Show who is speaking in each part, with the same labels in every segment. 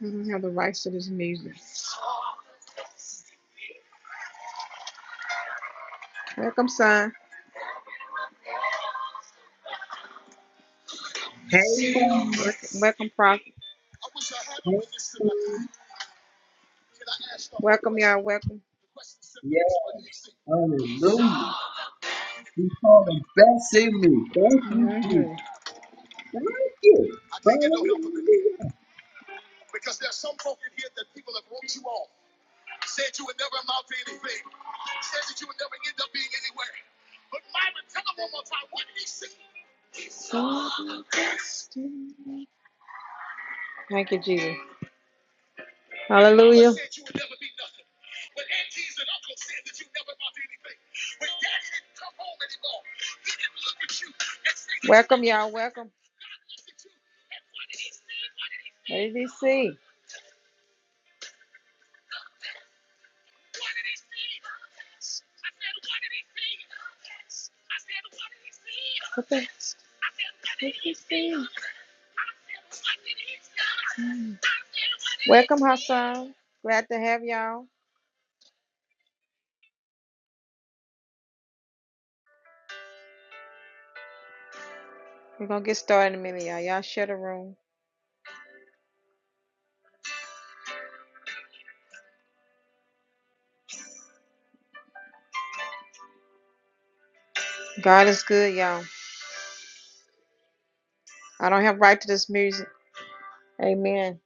Speaker 1: We don't have the rights to this music. Welcome, son.
Speaker 2: Hey, mom.
Speaker 1: Welcome, welcome prophet.
Speaker 2: Hey, mom.
Speaker 1: Welcome, y'all. Welcome.
Speaker 2: Yeah, hallelujah. You saw the best in me. Thank you, Jesus.
Speaker 1: hmm
Speaker 2: Thank you. Hallelujah.
Speaker 1: So destined. Thank you, Jesus. Hallelujah. Welcome, y'all. Welcome. ABC. What the? What did he see? Mm. Welcome, Hassan. Glad to have y'all. We're gonna get started in a minute, y'all. Y'all share the room. God is good, y'all. I don't have right to this music. Amen.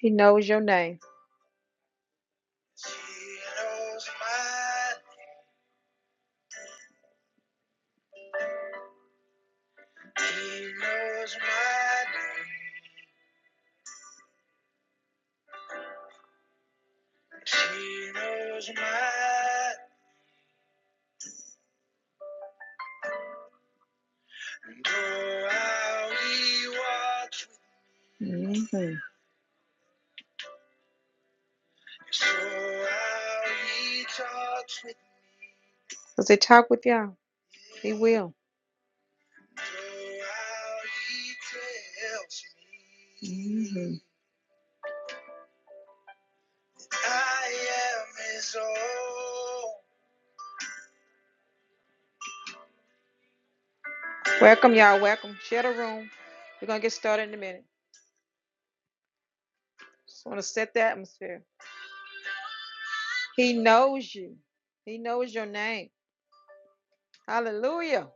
Speaker 1: He knows your name. Mhm. Because they talk with y'all. They will. hmm Welcome, y'all. Welcome. Share the room. We're going to get started in a minute. Just want to set the atmosphere. He knows you, He knows your name. Hallelujah.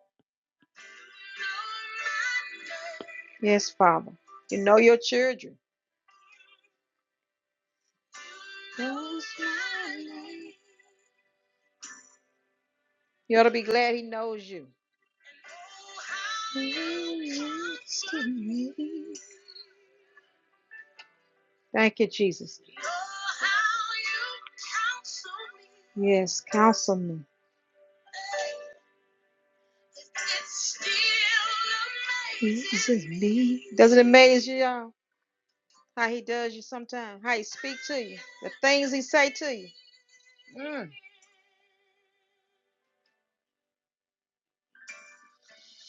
Speaker 1: Yes, Father. You know your children. You ought to be glad He knows you. to me. Thank you, Jesus. Yes, counsel me. me. Doesn't it amaze you, y'all? How he does you sometimes, how he speaks to you, the things he say to you. Mm.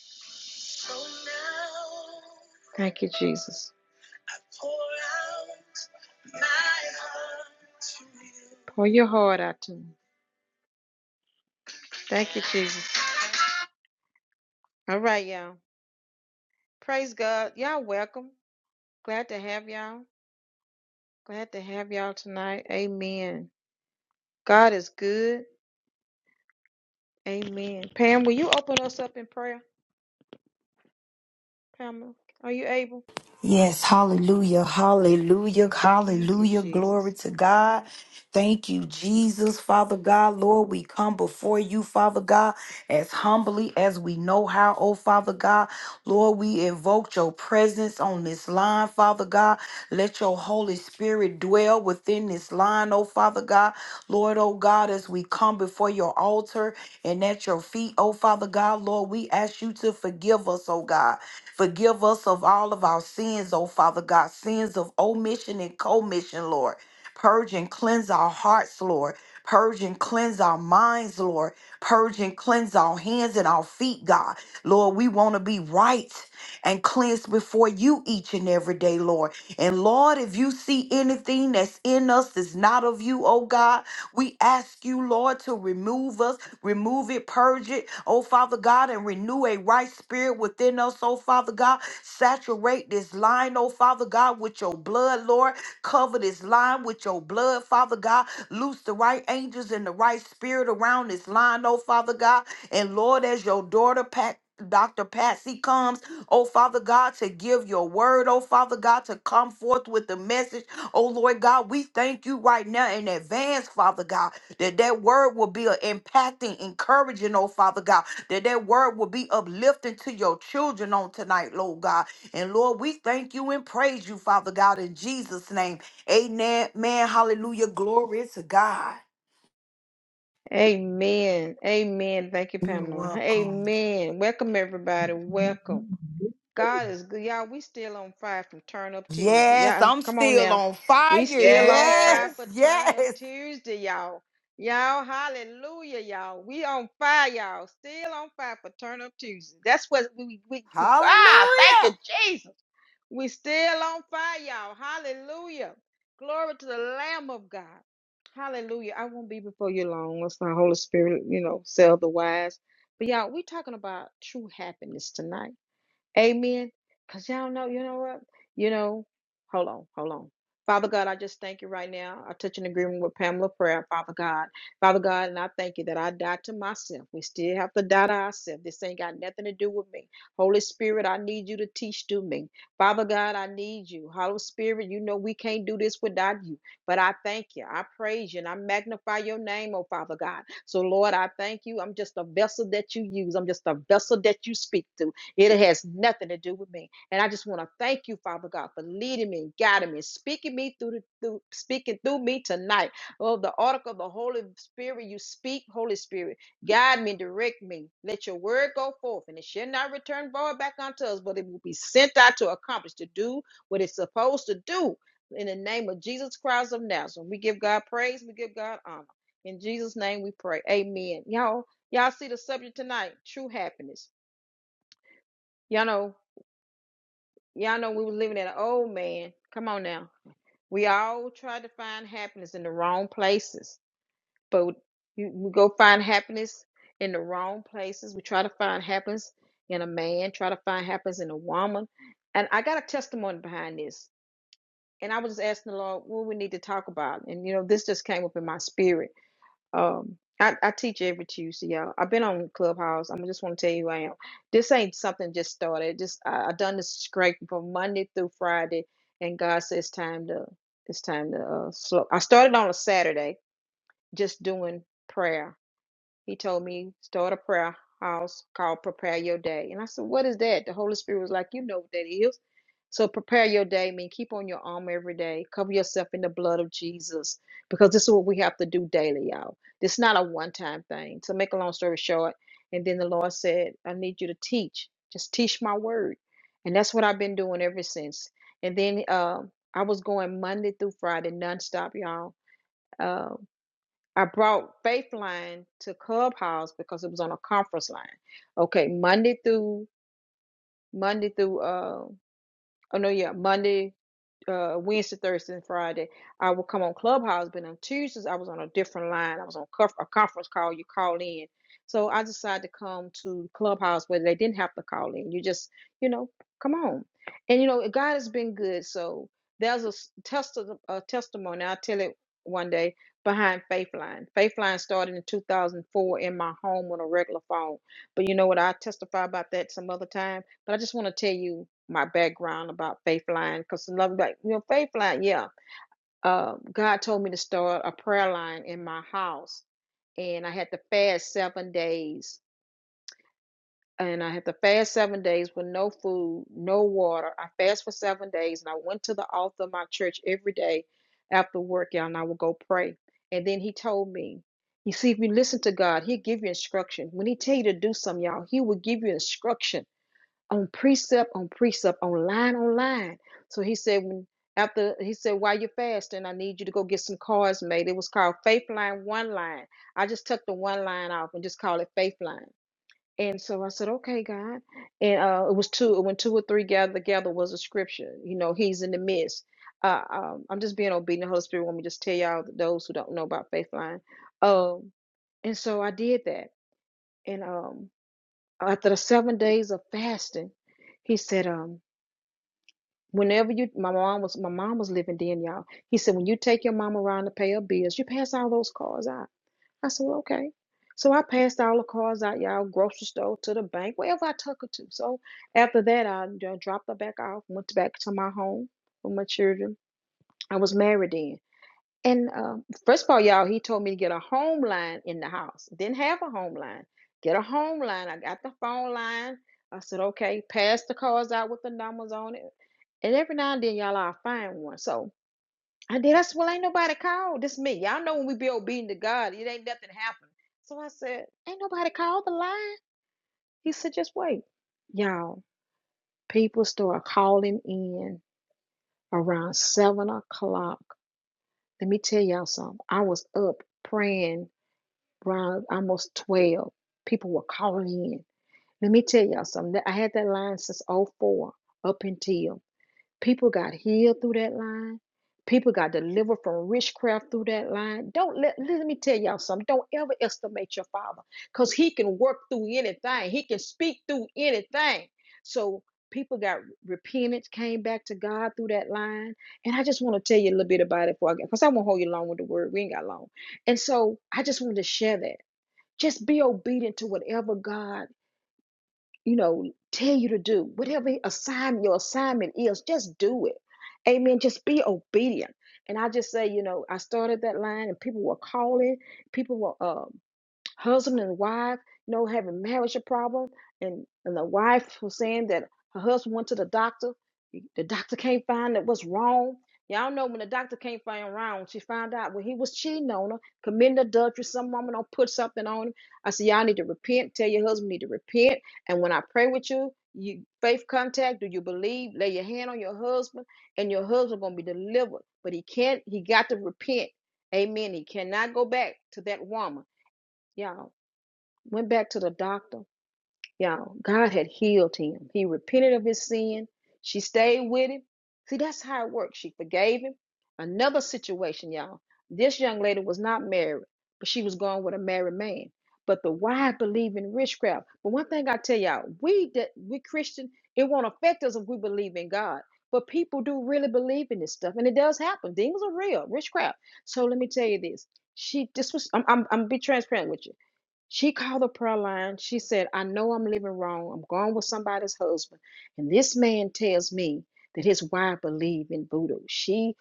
Speaker 1: So now, Thank you, Jesus. I Pour out my heart to you. Pour your heart out to me. Thank you, Jesus. All right, y'all. Praise God. Y'all welcome. Glad to have y'all. Glad to have y'all tonight. Amen. God is good. Amen. Pam, will you open us up in prayer? Pamela, are you able?
Speaker 3: Yes, hallelujah, hallelujah,
Speaker 1: Thank you,
Speaker 3: hallelujah. Glory
Speaker 1: Jesus.
Speaker 3: to God. Thank you, Jesus, Father God. Lord, we come before you, Father God, as humbly as we know how, oh Father God. Lord, we invoke your presence on this line, Father God. Let your Holy Spirit dwell within this line, oh Father God. Lord, oh God, as we come before your altar and at your feet, oh Father God, Lord, we ask you to forgive us, oh God. Forgive us of all of our sins, oh Father God, sins of omission and commission, Lord. Purge and cleanse our hearts, Lord. Purge and cleanse our minds, Lord. Purge and cleanse our hands and our feet, God. Lord, we want to be right and cleansed before you each and every day, Lord. And Lord, if you see anything that's in us that's not of you, oh God, we ask you, Lord, to remove us Remove it, purge it, oh Father God, and renew a right spirit within us, oh Father God. Saturate this line, oh Father God, with your blood, Lord. Cover this line with your blood, Father God. Loose the right angels and the right spirit around this line, oh Father God. And Lord, as your daughter, Pat, Dr. Patsy comes, oh Father God, to give your word, oh Father God, to come forth with the message, oh Lord God. We thank you right now in advance, Father God that that word will be a impacting, encouraging, oh Father God, that that word will be uplifting to your children on tonight, Lord God. And Lord, we thank you and praise you, Father God, in Jesus' name. Amen. Man, hallelujah. Glory to God.
Speaker 1: Amen. Amen. Thank you,
Speaker 3: You're
Speaker 1: Pamela.
Speaker 3: welcome.
Speaker 1: Amen. Welcome, everybody. Welcome. God is good. Y'all, we still on fire from Turn Up Tuesday.
Speaker 3: Yes,
Speaker 1: Y'all,
Speaker 3: I'm
Speaker 1: come on
Speaker 3: still
Speaker 1: now.
Speaker 3: on
Speaker 1: We
Speaker 3: fire.
Speaker 1: still on
Speaker 3: Yes,
Speaker 1: fire
Speaker 4: Yes.
Speaker 1: for Turn Up
Speaker 3: yes.
Speaker 1: Tuesday, y'all. Y'all, hallelujah, y'all. We on fire, y'all. Still on fire for Turn Up Tuesday. That's what we, we, we ah, thank
Speaker 3: Hallelujah.
Speaker 1: you, Jesus. We still on fire, y'all. Hallelujah. Glory to the Lamb of God. Hallelujah. I won't be before you long. Let's not Holy Spirit, you know, sell the wise. But y'all, we talking about true happiness tonight. Amen. Because y'all know, you know what? You know, hold on, hold on. Father God, I just thank you right now. I touch an agreement with Pamela prayer, Father God. Father God, and I thank you that I died to myself. We still have to die to ourselves. This ain't got nothing to do with me. Holy Spirit, I need you to teach to me. Father God, I need you. Holy Spirit, you know we can't do this without you. But I thank you. I praise you and I magnify your name, oh Father God. So Lord, I thank you. I'm just a vessel that you use. I'm just a vessel that you speak to. It has nothing to do with me. And I just want to thank you, Father God, for leading me and guiding me, speaking me through the through, speaking through me tonight. Oh, the article of the Holy Spirit, you speak, Holy Spirit, guide me, direct me. Let your word go forth, and it shall not return void back unto us, but it will be sent out to accomplish, to do what it's supposed to do. In the name of Jesus Christ of Nazareth, we give God praise, we give God honor. In Jesus' name we pray. Amen. Y'all, y'all see the subject tonight, true happiness. Y'all know Y'all know we was living in an old man. Come on now. We all tried to find happiness in the wrong places. But you, we go find happiness in the wrong places. We try to find happiness in a man, try to find happiness in a woman. And I got a testimony behind this. And I was just asking the Lord what we need to talk about. And, you know, this just came up in my spirit um, I, I teach every Tuesday, y'all. I've been on Clubhouse. I'm just want to tell you who I am. This ain't something just started. Just I, I done this scraping from Monday through Friday, and God says it's time to it's time to uh, slow. I started on a Saturday, just doing prayer he told me, start a prayer house called Prepare Your Day. And I said, What is that? The Holy Spirit was like, You know what that is. So prepare your day, mean keep on your arm every day. Cover yourself in the blood of Jesus. Because this is what we have to do daily, y'all. This is not a one-time thing. To make a long story short, and then the Lord said, I need you to teach. Just teach my word. And that's what I've been doing ever since. And then uh, I was going Monday through Friday nonstop, y'all Um, I brought Faithline to Clubhouse because it was on a conference line. Okay, Monday through Monday through uh oh no yeah Monday uh Wednesday, Thursday, and Friday. I would come on Clubhouse, but on Tuesdays I was on a different line. I was on conf- a conference call. You call in, so I decided to come to Clubhouse where they didn't have to call in. You just, you know, come on, and you know God has been good. So there's a s- test uh, a testimony. I'll tell it one day behind Faithline. Faithline started in 2004 in my home on a regular phone, but you know what? I testify about that some other time but I just want to tell you my background about Faith Line because love like, you know, Faith Line, yeah. Uh, God told me to start a prayer line in my house, and I had to fast seven days. And I had to fast seven days with no food, no water. I fast for seven days, and I went to the altar of my church every day after work, y'all, and I would go pray. And then he told me, you see, if you listen to God, he'll give you instruction. When he tell you to do something, y'all, he will give you instruction on precept on precept on line on line. So he said when after he said while you're fasting, I need you to go get some cards made. It was called Faith Line One Line. I just took the one line off and just call it Faith Line. And so I said, okay, God. And uh, it was two when two or three gather together was a scripture. You know, He's in the midst. Uh, um, I'm just being obedient. The Holy Spirit want me to just tell y'all those who don't know about Faith Line. Um, and so I did that. And um, after the seven days of fasting, he said, um, whenever you my mom was my mom was living then, y'all. He said, when you take your mom around to pay her bills, you pass all those cards out. I said, well, okay. So I passed all the cards out, y'all, grocery store to the bank, wherever I took her to. So after that, I you know, dropped her back off, went back to my home with my children. I was married then. And uh, first of all, y'all, he told me to get a home line in the house. Didn't have a home line. Get a home line. I got the phone line. I said, okay, pass the cards out with the numbers on it. And every now and then, y'all, I'll find one. So I did. I said, well, ain't nobody called. This me. Y'all know when we be obedient to God, it ain't nothing happen. So I said, ain't nobody called the line. He said, just wait. Y'all, people start calling in around seven o'clock. Let me tell y'all something. I was up praying around almost 12, people were calling in. Let me tell y'all something. I had that line since '04 up until people got healed through that line. People got delivered from witchcraft through that line. Don't let let me tell y'all something. Don't ever estimate your father because he can work through anything. He can speak through anything. So people got repentance, came back to God through that line. And I just want to tell you a little bit about it before I get because I won't hold you long with the word. We ain't got long. And so I just wanted to share that. Just be obedient to whatever God, you know, tell you to do. Whatever assignment your assignment is, just do it. Amen. Just be obedient. And I just say, you know, I started that line, and people were calling. People were. um, husband and wife, you know, having marriage a problem, and and the wife was saying that her husband went to the doctor. The doctor can't find out what's wrong. Y'all know when the doctor can't find wrong, she found out when he was cheating on her, committing adultery. Some woman don't put something on him. I said, y'all need to repent. Tell your husband you need to repent. And when I pray with you, you faith contact. Do you believe? Lay your hand on your husband, and your husband gonna be delivered. But he can't. He got to repent. Amen. He cannot go back to that woman. Y'all went back to the doctor. Y'all, God had healed him. He repented of his sin. She stayed with him. See, that's how it works. She forgave him. Another situation, y'all. This young lady was not married, but she was going with a married man. But the wife believed in witchcraft. But one thing I tell y'all, we that we Christian, it won't affect us if we believe in God. But people do really believe in this stuff, and it does happen. Demons are real, witchcraft. So let me tell you this: she, this was, I'm, I'm, I'm be transparent with you. She called the prayer line. She said, I know I'm living wrong. I'm going with somebody's husband. And this man tells me that his wife believe in voodoo. She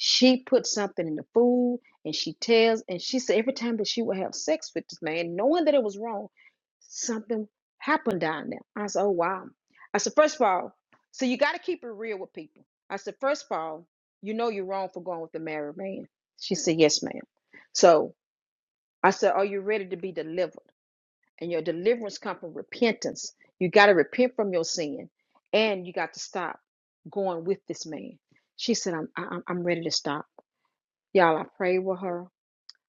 Speaker 1: she put something in the food and she tells and she said every time that she would have sex with this man, knowing that it was wrong, something happened down there. I said, Oh wow. I said, first of all, so you gotta keep it real with people. I said, first of all, you know you're wrong for going with a married man. She said, Yes, ma'am. So I said, Are you ready to be delivered? and your deliverance comes from repentance. You got to repent from your sin, and you got to stop going with this man. She said, "I'm I- am i I'm ready to stop." Y'all, I prayed with her.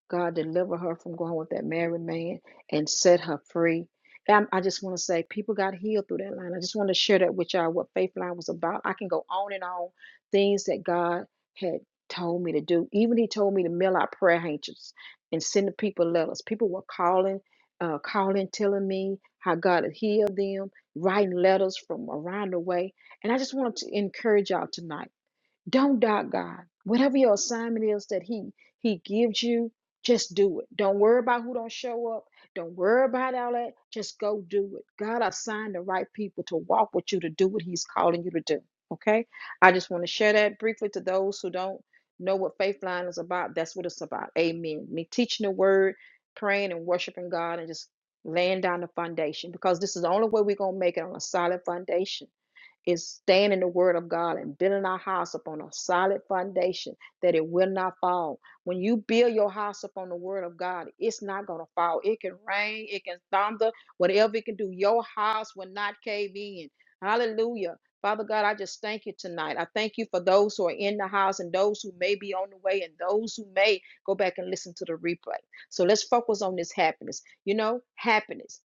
Speaker 1: God deliver her from going with that married man and set her free. And I just want to say people got healed through that line. I just want to share that with y'all what Faith Line was about. I can go on and on things that God had told me to do. Even He told me to mail out prayer handkerchiefs and send the people letters. People were calling, uh, calling, telling me how God had healed them, writing letters from around the way. And I just wanted to encourage y'all tonight. Don't doubt God. Whatever your assignment is that He He gives you, just do it. Don't worry about who don't show up. Don't worry about all that. Just go do it. God assigned the right people to walk with you to do what He's calling you to do. Okay? I just want to share that briefly to those who don't know what faith line is about. That's what it's about. Amen. Me teaching the word, praying and worshiping God and just laying down the foundation because this is the only way we're gonna make it on a solid foundation is staying in the word of God and building our house upon a solid foundation that it will not fall. When you build your house upon the word of God, it's not going to fall. It can rain, it can thunder, whatever it can do. Your house will not cave in. Hallelujah. Father God, I just thank you tonight. I thank you for those who are in the house and those who may be on the way and those who may go back and listen to the replay. So let's focus on this happiness. You know, happiness.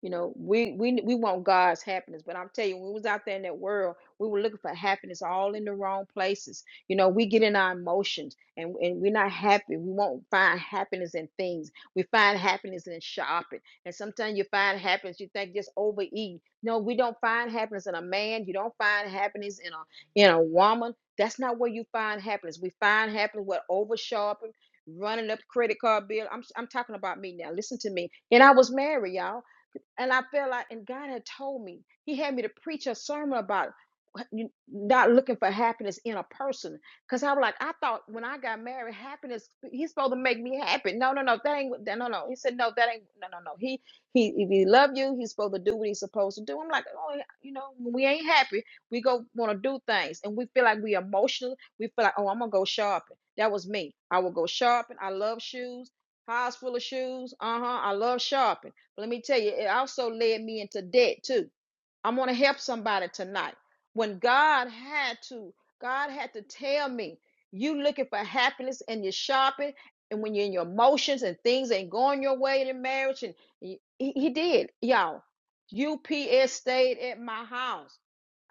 Speaker 1: You know, we we we want God's happiness, but I'm telling you, when we was out there in that world, we were looking for happiness all in the wrong places. You know, we get in our emotions and and we're not happy. We won't find happiness in things. We find happiness in shopping, and sometimes you find happiness. You think just overeat. No, we don't find happiness in a man. You don't find happiness in a in a woman. That's not where you find happiness. We find happiness with over shopping running up credit card bill. I'm I'm talking about me now. Listen to me. And I was married, y'all. And I felt like, and God had told me, He had me to preach a sermon about you- not looking for happiness in a person. Because I was like, I thought when I got married, happiness, He's supposed to make me happy. No, no, no, that ain't, that, no, no. He said, no, that ain't, no, no, no. He, he, if He love you, He's supposed to do what He's supposed to do. I'm like, oh, yeah, you know, when we ain't happy, we go want to do things. And we feel like we emotional. We feel like, oh, I'm going to go shopping. That was me. I will go shopping. I love shoes. House full of shoes. Uh huh. I love shopping let me tell you, it also led me into debt too. I'm going to help somebody tonight. When God had to, God had to tell me, you looking for happiness and you're shopping, and when you're in your emotions and things ain't going your way in marriage, and he, he did, y'all. UPS stayed at my house.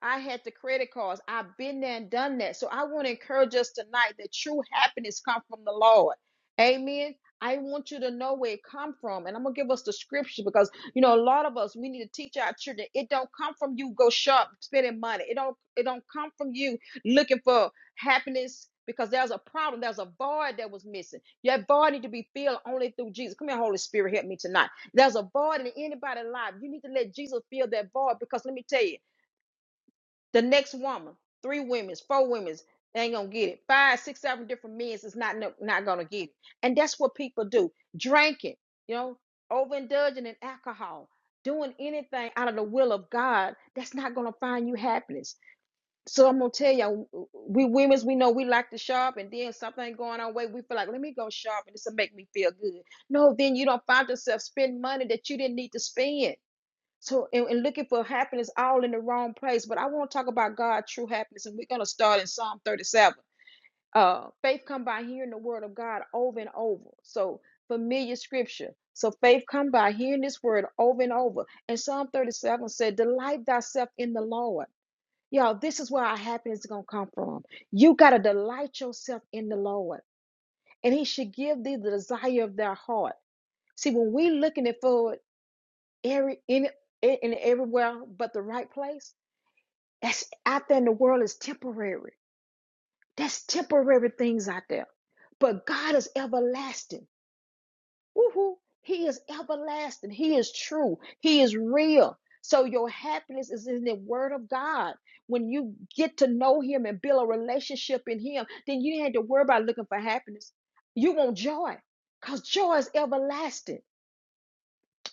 Speaker 1: I had the credit cards. I've been there and done that. So I want to encourage us tonight that true happiness comes from the Lord. Amen. I want you to know where it come from. And I'm gonna give us the scripture because you know a lot of us we need to teach our children it don't come from you go shop spending money. It don't it don't come from you looking for happiness because there's a problem, there's a void that was missing. That void need to be filled only through Jesus. Come here, Holy Spirit, help me tonight. There's a void in anybody's life. You need to let Jesus fill that void because let me tell you. The next woman, three women, four women, they ain't gonna get it. Five, six, seven different men's is not no- not gonna get it. And that's what people do: drinking, you know, overindulging in alcohol, doing anything out of the will of God. That's not gonna find you happiness. So I'm gonna tell you, we women's, we know we like to shop, and then something going our way, we feel like, let me go shop, and this will make me feel good. No, then you don't find yourself spending money that you didn't need to spend. So and, and looking for happiness all in the wrong place. But I want to talk about God's true happiness, and we're gonna start in Psalm 37. Uh, faith come by hearing the word of God over and over. So familiar scripture. So faith come by hearing this word over and over. And Psalm 37 said, "Delight thyself in the Lord." Y'all, this is where our happiness is gonna come from. You gotta delight yourself in the Lord, and He should give thee the desire of thy heart. See, when we looking at for every in in everywhere but the right place. That's out there in the world is temporary. That's temporary things out there. But God is everlasting. Woohoo! He is everlasting. He is true. He is real. So your happiness is in the word of God. When you get to know him and build a relationship in him, then you ain't have to worry about looking for happiness. You want joy. Because joy is everlasting.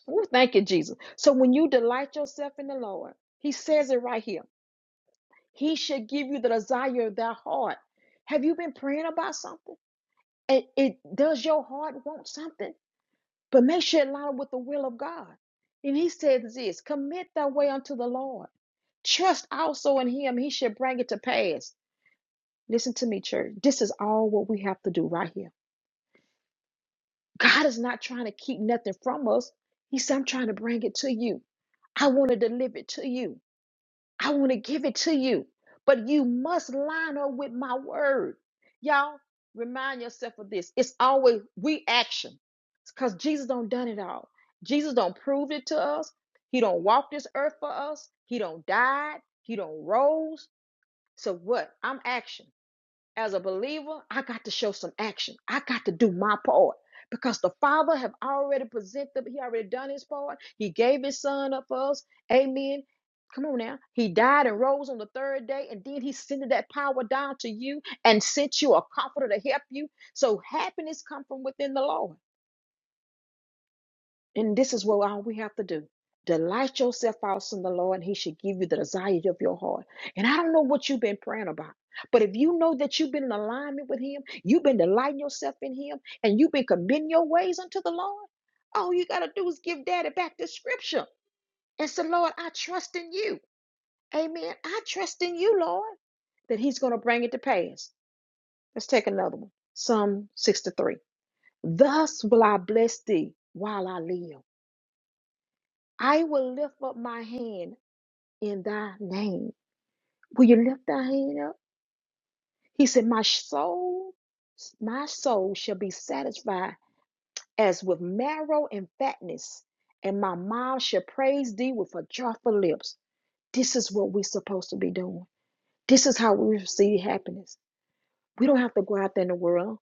Speaker 1: Ooh, Thank you, Jesus. So when you delight yourself in the Lord, He says it right here. He should give you the desire of thy heart. Have you been praying about something? It, it does your heart want something, but make sure it align with the will of God. And He says this: Commit thy way unto the Lord. Trust also in Him; He should bring it to pass. Listen to me, church. This is all what we have to do right here. God is not trying to keep nothing from us. He said, "I'm trying to bring it to you. I want to deliver it to you." I want to give it to you, but you must line up with my word. Y'all, remind yourself of this. It's always we action because Jesus don't done it all. Jesus don't prove it to us. He don't walk this earth for us. He don't die. He don't rose. So what? I'm action as a believer, I got to show some action. I got to do my part because the Father have already presented, He already done His part. He gave His Son up for us. Amen. Come on now. He died and rose on the third day, and then He sent that power down to you and sent you a comforter to help you. So happiness come from within the Lord. And this is what all we have to do. Delight yourself also in the Lord, and He should give you the desires of your heart. And I don't know what you've been praying about, but if you know that you've been in alignment with Him, you've been delighting yourself in Him, and you've been committing your ways unto the Lord, all you got to do is give Daddy back the scripture and say, Lord, I trust in you. Amen. I trust in you, Lord, that He's going to bring it to pass. Let's take another one Psalm 63. Thus will I bless thee while I live. I will lift up my hand in thy name. Will you lift thy hand up? He said, My soul, my soul shall be satisfied as with marrow and fatness, and my mouth shall praise thee with a joyful lips. This is what we're supposed to be doing. This is how we receive happiness. We don't have to go out there in the world.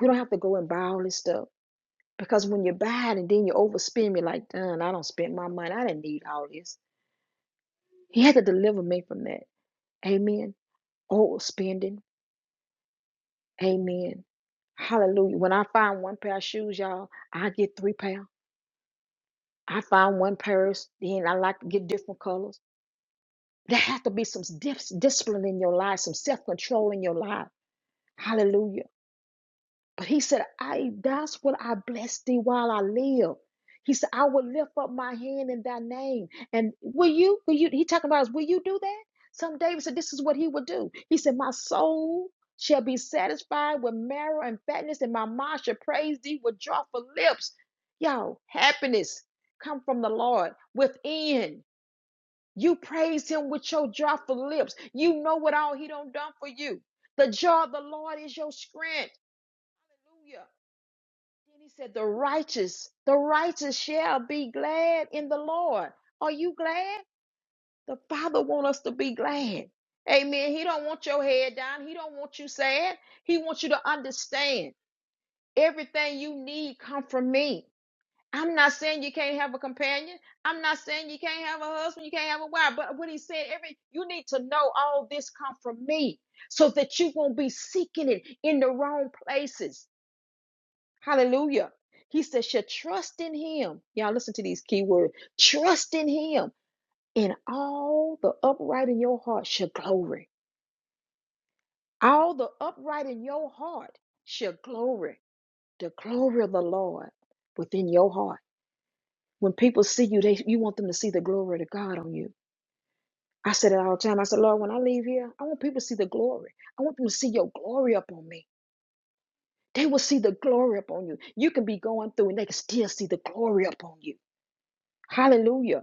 Speaker 1: We don't have to go and buy all this stuff. Because when you buy it and then you overspend, you're like, done, I don't spend my money. I didn't need all this. He had to deliver me from that. Amen. old spending. Amen. Hallelujah. When I find one pair of shoes, y'all, I get three pair. I find one purse, then I like to get different colors. There has to be some dis- discipline in your life, some self control in your life. Hallelujah. But He said, I that's what I bless thee while I live. He said, I will lift up my hand in thy name. And will you, will you, he talking about us, will you do that? Some David said, This is what he would do. He said, My soul shall be satisfied with marrow and fatness, and my mind shall praise thee with joyful lips. Y'all, happiness come from the Lord within. You praise him with your joyful lips. You know what all he done done for you. The joy of the Lord is your strength. Hallelujah. Then he said, The righteous, the righteous shall be glad in the Lord. Are you glad? The Father wants us to be glad. Amen. He don't want your head down. He don't want you sad. He wants you to understand everything you need come from me. I'm not saying you can't have a companion. I'm not saying you can't have a husband. You can't have a wife. But what he said, every you need to know all this come from me, so that you won't be seeking it in the wrong places Hallelujah. He says, should trust in him. Y'all listen to these key words. Trust in him. And all the upright in your heart shall glory. All the upright in your heart shall glory. The glory of the Lord within your heart. When people see you, they you want them to see the glory of God on you. I said it all the time. I said, Lord, when I leave here, I want people to see the glory. I want them to see your glory upon me. They will see the glory upon you. You can be going through and they can still see the glory upon you. Hallelujah.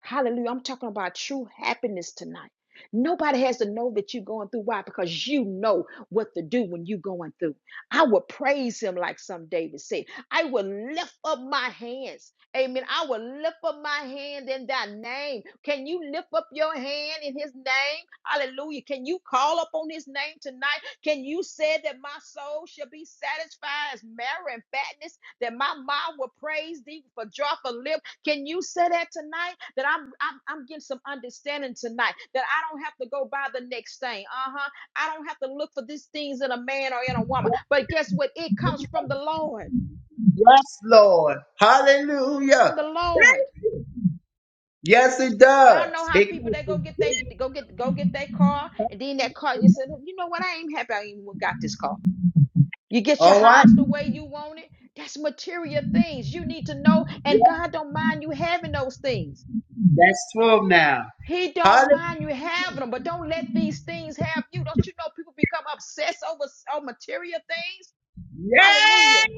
Speaker 1: Hallelujah. I'm talking about true happiness tonight. Nobody has to know that you're going through. Why? Because you know what to do when you're going through. I will praise him, like some David said. I will lift up my hands. Amen. I will lift up my hand in thy name. Can you lift up your hand in his name? Hallelujah. Can you call upon his name tonight? Can you say that my soul shall be satisfied as marrow and fatness? That my mouth will praise thee for joyful lips? Can you say that tonight? That I'm, I'm I'm getting some understanding tonight. That I don't have to go by the next thing. Uh-huh. I don't have to look for these things in a man or in a woman. But guess what? It comes from the Lord.
Speaker 2: Yes, Lord.
Speaker 1: It comes from
Speaker 2: Hallelujah.
Speaker 1: the Lord.
Speaker 2: Yes, it
Speaker 1: Y'all know
Speaker 2: does.
Speaker 1: how
Speaker 2: It
Speaker 1: people
Speaker 2: comes
Speaker 1: they go
Speaker 2: from
Speaker 1: get they
Speaker 2: deep.
Speaker 1: go get go get that car, and then that car you said, you know what? I ain't happy I even got this car. You get your
Speaker 2: All right.
Speaker 1: house the way you want it. That's material things you need to know, and God don't mind you having those things.
Speaker 2: That's 12 now.
Speaker 1: He don't
Speaker 2: Hallelujah.
Speaker 1: mind you having them, but don't let these things have you. Don't you know people become obsessed over, over material things? Hallelujah.
Speaker 2: Yes.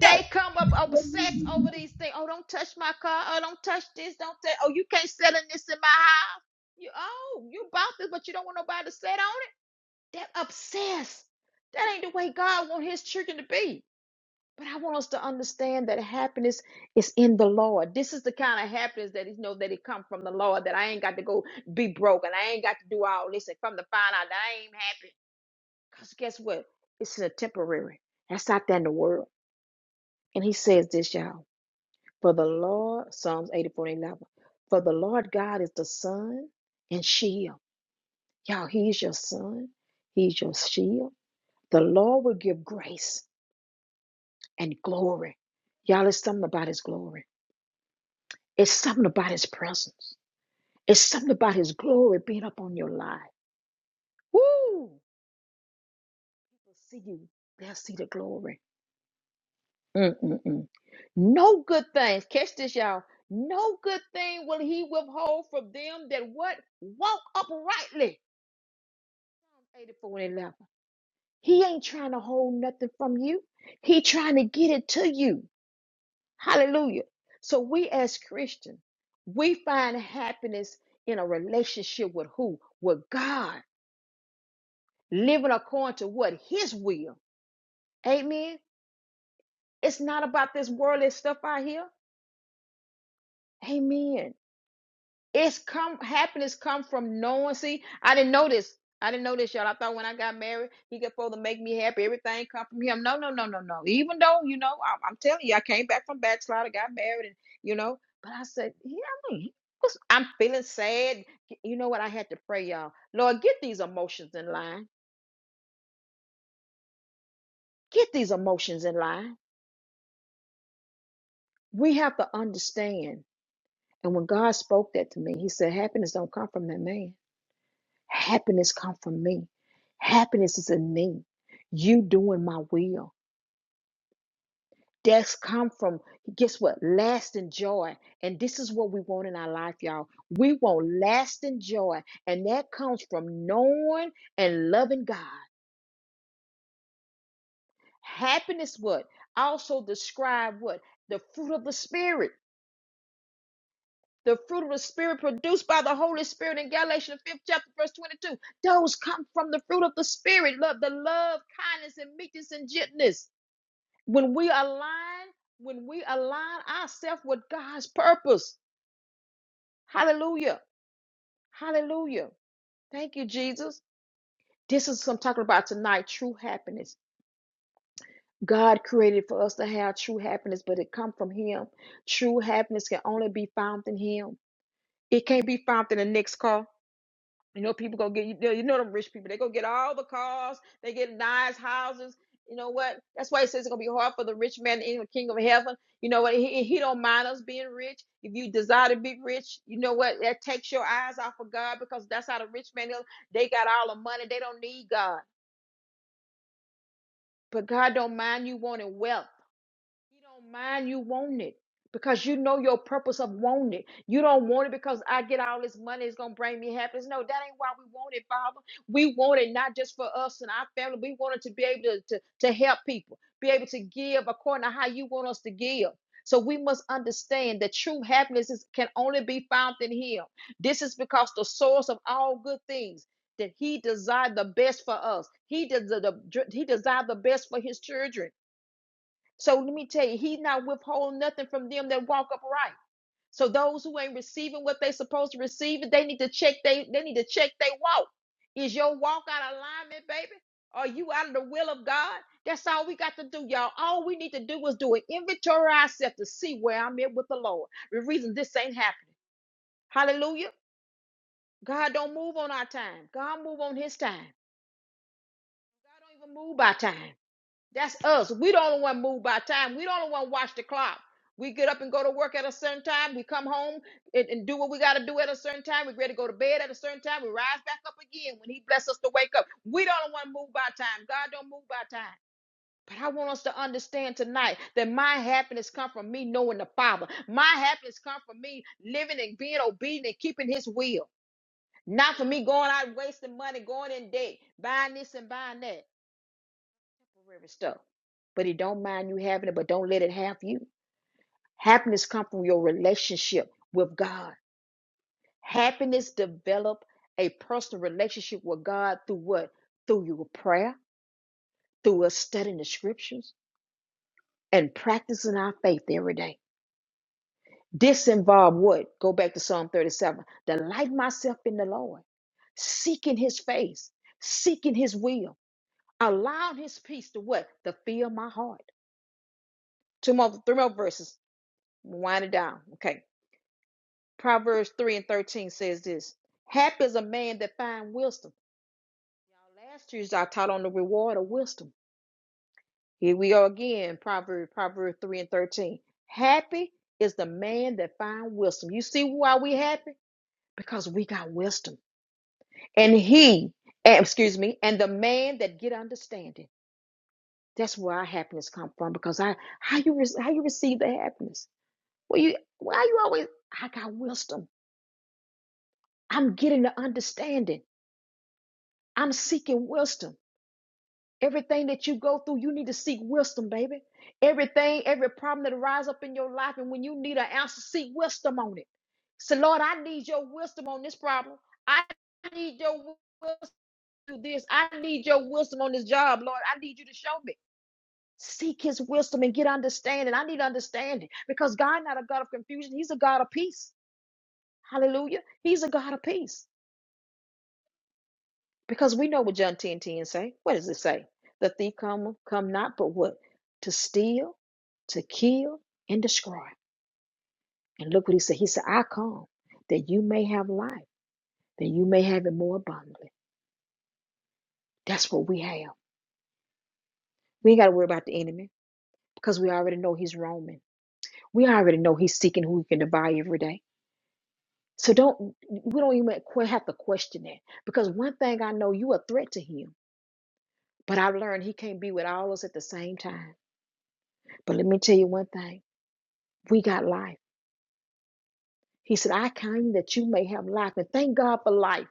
Speaker 1: They
Speaker 2: Thank
Speaker 1: come up obsessed over these things. Oh, don't touch my car. Oh, don't touch this. Don't touch. Oh, you can't sell in this in my house. You oh, you bought this, but you don't want nobody to sit on it. They're obsessed. That ain't the way God wants His children to be. But I want us to understand that happiness is in the Lord. This is the kind of happiness that is know that it come from the Lord. That I ain't got to go be broke and I ain't got to do all this and come to find out that I ain't happy. Cause guess what? It's a temporary. That's out there in the world. And He says this, y'all. For the Lord, Psalms 84 and 11. For the Lord God is the sun and shield. Y'all, He's your sun. He's your shield. The Lord will give grace and glory. Y'all, it's something about His glory. It's something about his presence. It's something about his glory being up on your life. Woo! They'll see you, they'll see the glory. Mm-mm-mm. No good things. Catch this, y'all. No good thing will he withhold from them that what? Walk uprightly. 84 and 11. He ain't trying to hold nothing from you. He trying to get it to you. Hallelujah. So we as Christians, we find happiness in a relationship with who? With God. living according to what his will. Amen. It's not about this worldly stuff out here. Amen. It's come happiness come from knowing. See, I didn't know this. I didn't know this, y'all. I thought when I got married, he could supposed to make me happy. Everything come from him. No, no, no, no, no. Even though, you know, I, I'm telling you, I came back from backslider, got married, and you know, but I said, yeah, I mean, was- I'm feeling sad. You know what? I had to pray, y'all. Lord, get these emotions in line. Get these emotions in line. We have to understand. And when God spoke that to me, He said, Happiness don't come from that man. Happiness come from me. Happiness is in me. You doing my will. That's come from, guess what? Lasting joy. And this is what we want in our life, y'all. We want lasting joy. And that comes from knowing and loving God. Happiness, what? Also describe what? The fruit of the Spirit. the fruit of the spirit produced by the Holy Spirit in Galatians the fifth chapter, verse 22. Those come from the fruit of the spirit, love, the love, kindness, and meekness and gentleness. When we align, when we align ourselves with God's purpose. Hallelujah. Hallelujah. Thank you, Jesus. This is what I'm talking about tonight. True happiness. God created for us to have true happiness, but it come from Him. True happiness can only be found in Him. It can't be found in the next car. You know, people go get you know you know them rich people. They go get all the cars. They get nice houses. You know what? That's why it says it's gonna be hard for the rich man in the kingdom of heaven. You know what? He, he don't mind us being rich. If you desire to be rich, you know what? That takes your eyes off of God because that's how the rich man is. They got all the money. They don't need God. But God don't mind you wanting wealth. You don't mind you want it because you know your purpose of wanting it. You don't want it because I get all this money, it's gonna bring me happiness. No, that ain't why we want it, Father. We want it not just for us and our family. We want it to be able to, to, to help people, be able to give according to how you want us to give. So we must understand that true happiness is, can only be found in Him. This is because the source of all good things that He desired the best for us. He does the, the- He desired the best for His children. So let me tell you, he's not withholding nothing from them that walk upright. So those who ain't receiving what they supposed to receive, they need to check they they need to check they walk. Is your walk out of alignment, baby? Are you out of the will of God? That's all we got to do, y'all. All we need to do is do an inventory ourselves to see where I'm at with the Lord. The reason this ain't happening. Hallelujah. God don't move on our time. God move on his time. God don't even move by time. That's us. We the only one moved by time. We the only one watch the clock. We get up and go to work at a certain time. We come home and, and do what we got to do at a certain time. We ready to go to bed at a certain time. We rise back up again when He bless us to wake up. We don't want to move by time. God don't move by time. But I want us to understand tonight that my happiness come from me knowing the Father. My happiness come from me living and being obedient and keeping His will. Not for me going out wasting money, going in debt, buying this and buying that temporary stuff. But it don't mind you having it, but don't let it have you. Happiness come from your relationship with God. Happiness develop a personal relationship with God through what? Through your prayer, through us studying the scriptures and practicing our faith every day. This involve what? Go back to Psalm 37. Delight myself in the Lord, seeking his face, seeking his will, allowing his peace to what? To fill my heart. Two more, three more verses. Wind it down. Okay. Proverbs 3 and 13 says this Happy is a man that finds wisdom. Y'all, last Tuesday I taught on the reward of wisdom. Here we are again, Proverbs, Proverbs 3 and 13. Happy is the man that finds wisdom. You see why we happy? Because we got wisdom. And he, eh, excuse me, and the man that get understanding. That's where our happiness come from. Because I how you re- how you receive the happiness? Well, you why you always I got wisdom. I'm getting the understanding. I'm seeking wisdom. Everything that you go through, you need to seek wisdom, baby. Everything, every problem that arises up in your life, and when you need an answer, seek wisdom on it. So, Lord, I need your wisdom on this problem. I need your wisdom to do this. I need your wisdom on this job, Lord. I need you to show me. Seek his wisdom and get understanding. I need understanding because God not a God of confusion. He's a God of peace. Hallelujah. He's a God of peace. Because we know what John 10 10 say. What does it say? The thief come, come not, but what? To steal, to kill, and destroy. And look what he said. He said, I come that you may have life, that you may have it more abundantly. That's what we have. We ain't got to worry about the enemy because we already know he's roaming. We already know he's seeking who he can devour every day. So don't, we don't even que- have to question that because one thing I know, you a threat to him. But I've learned he can't be with all us at the same time. But let me tell you one thing. We got life. He said, I came that you may have life. And thank God for life.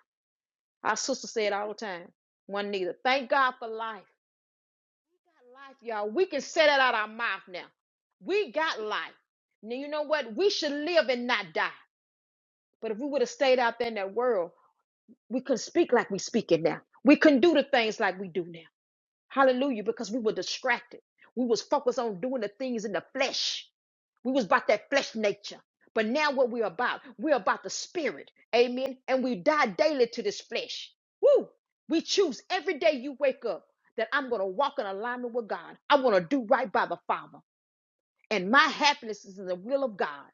Speaker 1: Our sister said all the time, one neither. Thank God for life. Life, y'all. We can say that out of our mouth now. We got life. Now you know what? We should live and not die. But if we would have stayed out there in that world, we couldn't speak like we speak it now. We couldn't do the things like we do now. Hallelujah. Because we were distracted. We was focused on doing the things in the flesh. We was about that flesh nature. But now what we're about, we're about the spirit. Amen. And we die daily to this flesh. Woo! We choose every day you wake up that I'm going to walk in alignment with God. I want to do right by the Father. And my happiness is in the will of God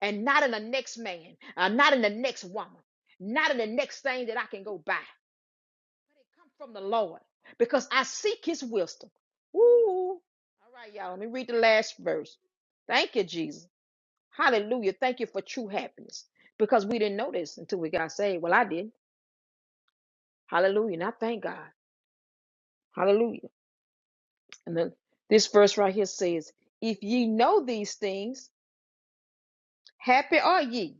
Speaker 1: and not in the next man, uh, not in the next woman, not in the next thing that I can go buy. But it comes from the Lord because I seek his wisdom. Woo! All right, y'all. Let me read the last verse. Thank you, Jesus. Hallelujah. Thank you for true happiness because we didn't know this until we got saved. Well, I did. Hallelujah. And I thank God. Hallelujah. And then this verse right here says, If ye know these things, happy are ye.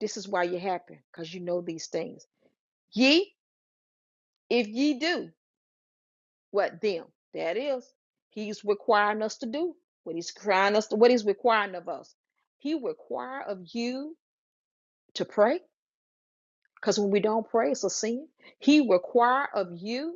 Speaker 1: This is why you're happy because you know these things. Ye, if ye do what them, that is, he's requiring us to do what he's crying us to, what he's requiring of us. He require of you to pray because when we don't pray, it's a sin. He require of you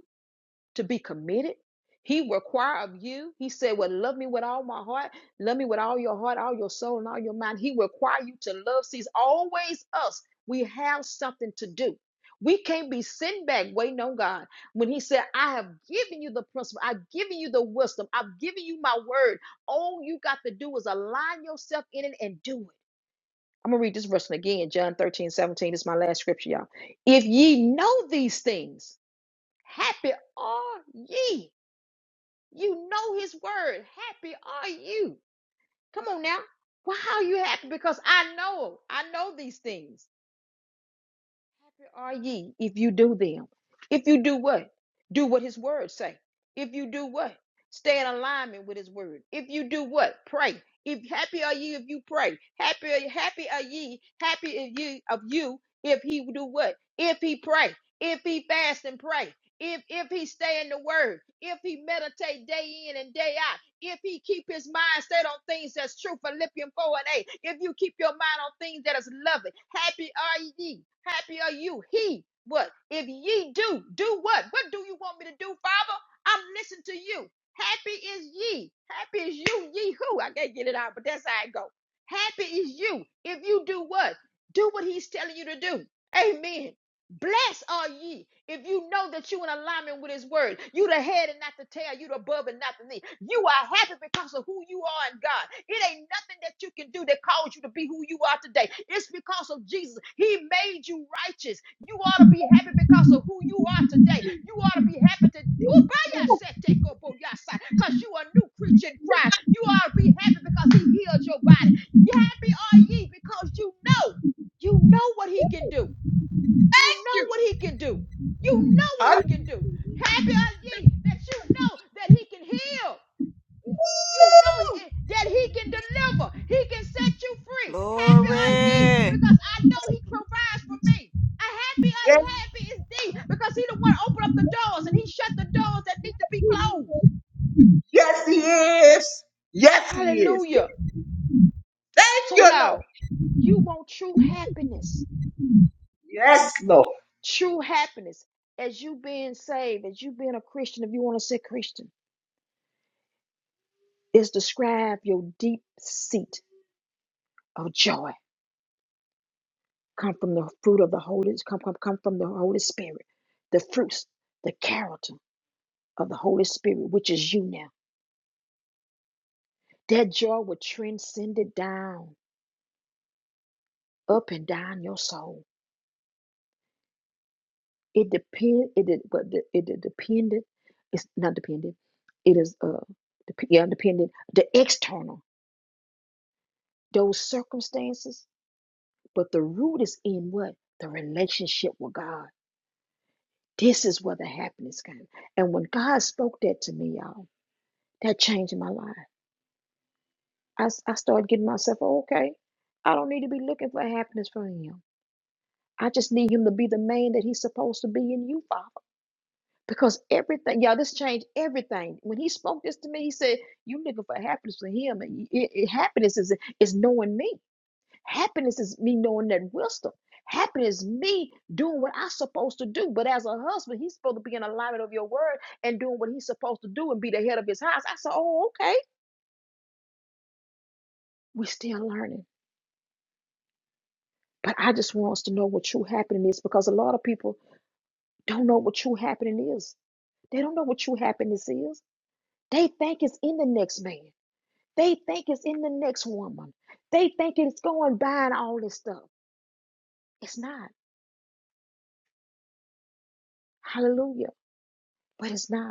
Speaker 1: to be committed. He require of you. He said, Well, love me with all my heart, love me with all your heart, all your soul, and all your mind. He require you to love. Sees always us. We have something to do. We can't be sitting back waiting on God. When He said, I have given you the principle, I've given you the wisdom, I've given you my word. All you got to do is align yourself in it and do it. I'm gonna read this verse again, John 13 17 This is my last scripture, y'all. If ye know these things, happy are ye you know his word. Happy are you. Come on now. Why are you happy? Because I know, I know these things. Happy are ye if you do them. If you do what? Do what his word say. If you do what? Stay in alignment with his word. If you do what? Pray. If happy are ye if you pray. Happy are happy are ye, happy if you of you if he do what? If he pray. If he fast and pray. If if he stay in the word. If he meditate day in and day out if he keep his mind set on things that's true. Philippians 4 and 8. If you keep your mind on things that is lovely, happy are ye. Happy are you. He, what? If ye do, do what? What do you want me to do, Father? I'm listening to you. Happy is ye. Happy is you, ye who. I can't get it out, but that's how it go. Happy is you if you do what? Do what he's telling you to do. Amen. Blessed are ye if you know that you in alignment with his word. You the head and not the tail. You the above and not the knee. You are happy because of who you are in God. It ain't nothing that you can do that caused you to be who you are today. It's because of Jesus. He made you righteous. You ought to be happy because of who you are today. You ought to be happy to because you are a new creature in Christ. You ought to be happy because he healed your body. Happy are ye because you know. You know what he can do. You know
Speaker 2: you.
Speaker 1: what he can do. You know what he
Speaker 2: Hallelujah.
Speaker 1: can do. Happy are ye that you know that he can heal. You know that he can deliver. He can set you free. Happy are ye
Speaker 3: Glory.
Speaker 1: because I know he provides for me. I happy,
Speaker 2: Yes,
Speaker 1: unhappy is thee because he the one open up the doors and he shut the doors that need to be closed.
Speaker 2: yes, he is. Yes, he is. Yes.
Speaker 1: Hallelujah.
Speaker 2: Thank
Speaker 1: So
Speaker 2: you, Lord.
Speaker 1: y'all, you want true happiness.
Speaker 2: Yes, Lord.
Speaker 1: True happiness as you being saved, as you being a Christian, if you want to say Christian is describe your deep seat of joy come from the fruit of the holy come come come from the holy spirit the fruits the character of the holy spirit which is you now that joy will transcend it down up and down your soul it depend it de- but the- it de- dependent it's not dependent it is uh dep- yeah dependent the external those circumstances but the root is in what the relationship with god This is where the happiness came. And when God spoke that to me, y'all, that changed my life. I I started getting myself, "Oh, okay, I don't need to be looking for happiness from Him. I just need Him to be the man that He's supposed to be in you, Father. Because everything, y'all, this changed everything. When He spoke this to me, He said, You looking for happiness for Him. And it, it- happiness is, is knowing me. Happiness is me knowing that wisdom. Happiness is me doing what I'm supposed to do. But as a husband, he's supposed to be in alignment of your word and doing what he's supposed to do and be the head of his house. I said, oh, okay. we are still learning. But I just want us to know what true happiness is because a lot of people don't know what true happiness is. They don't know what true happiness is. They think it's in the next man. They think it's in the next woman. They think it's going buying all this stuff. It's not. Hallelujah. But it's not.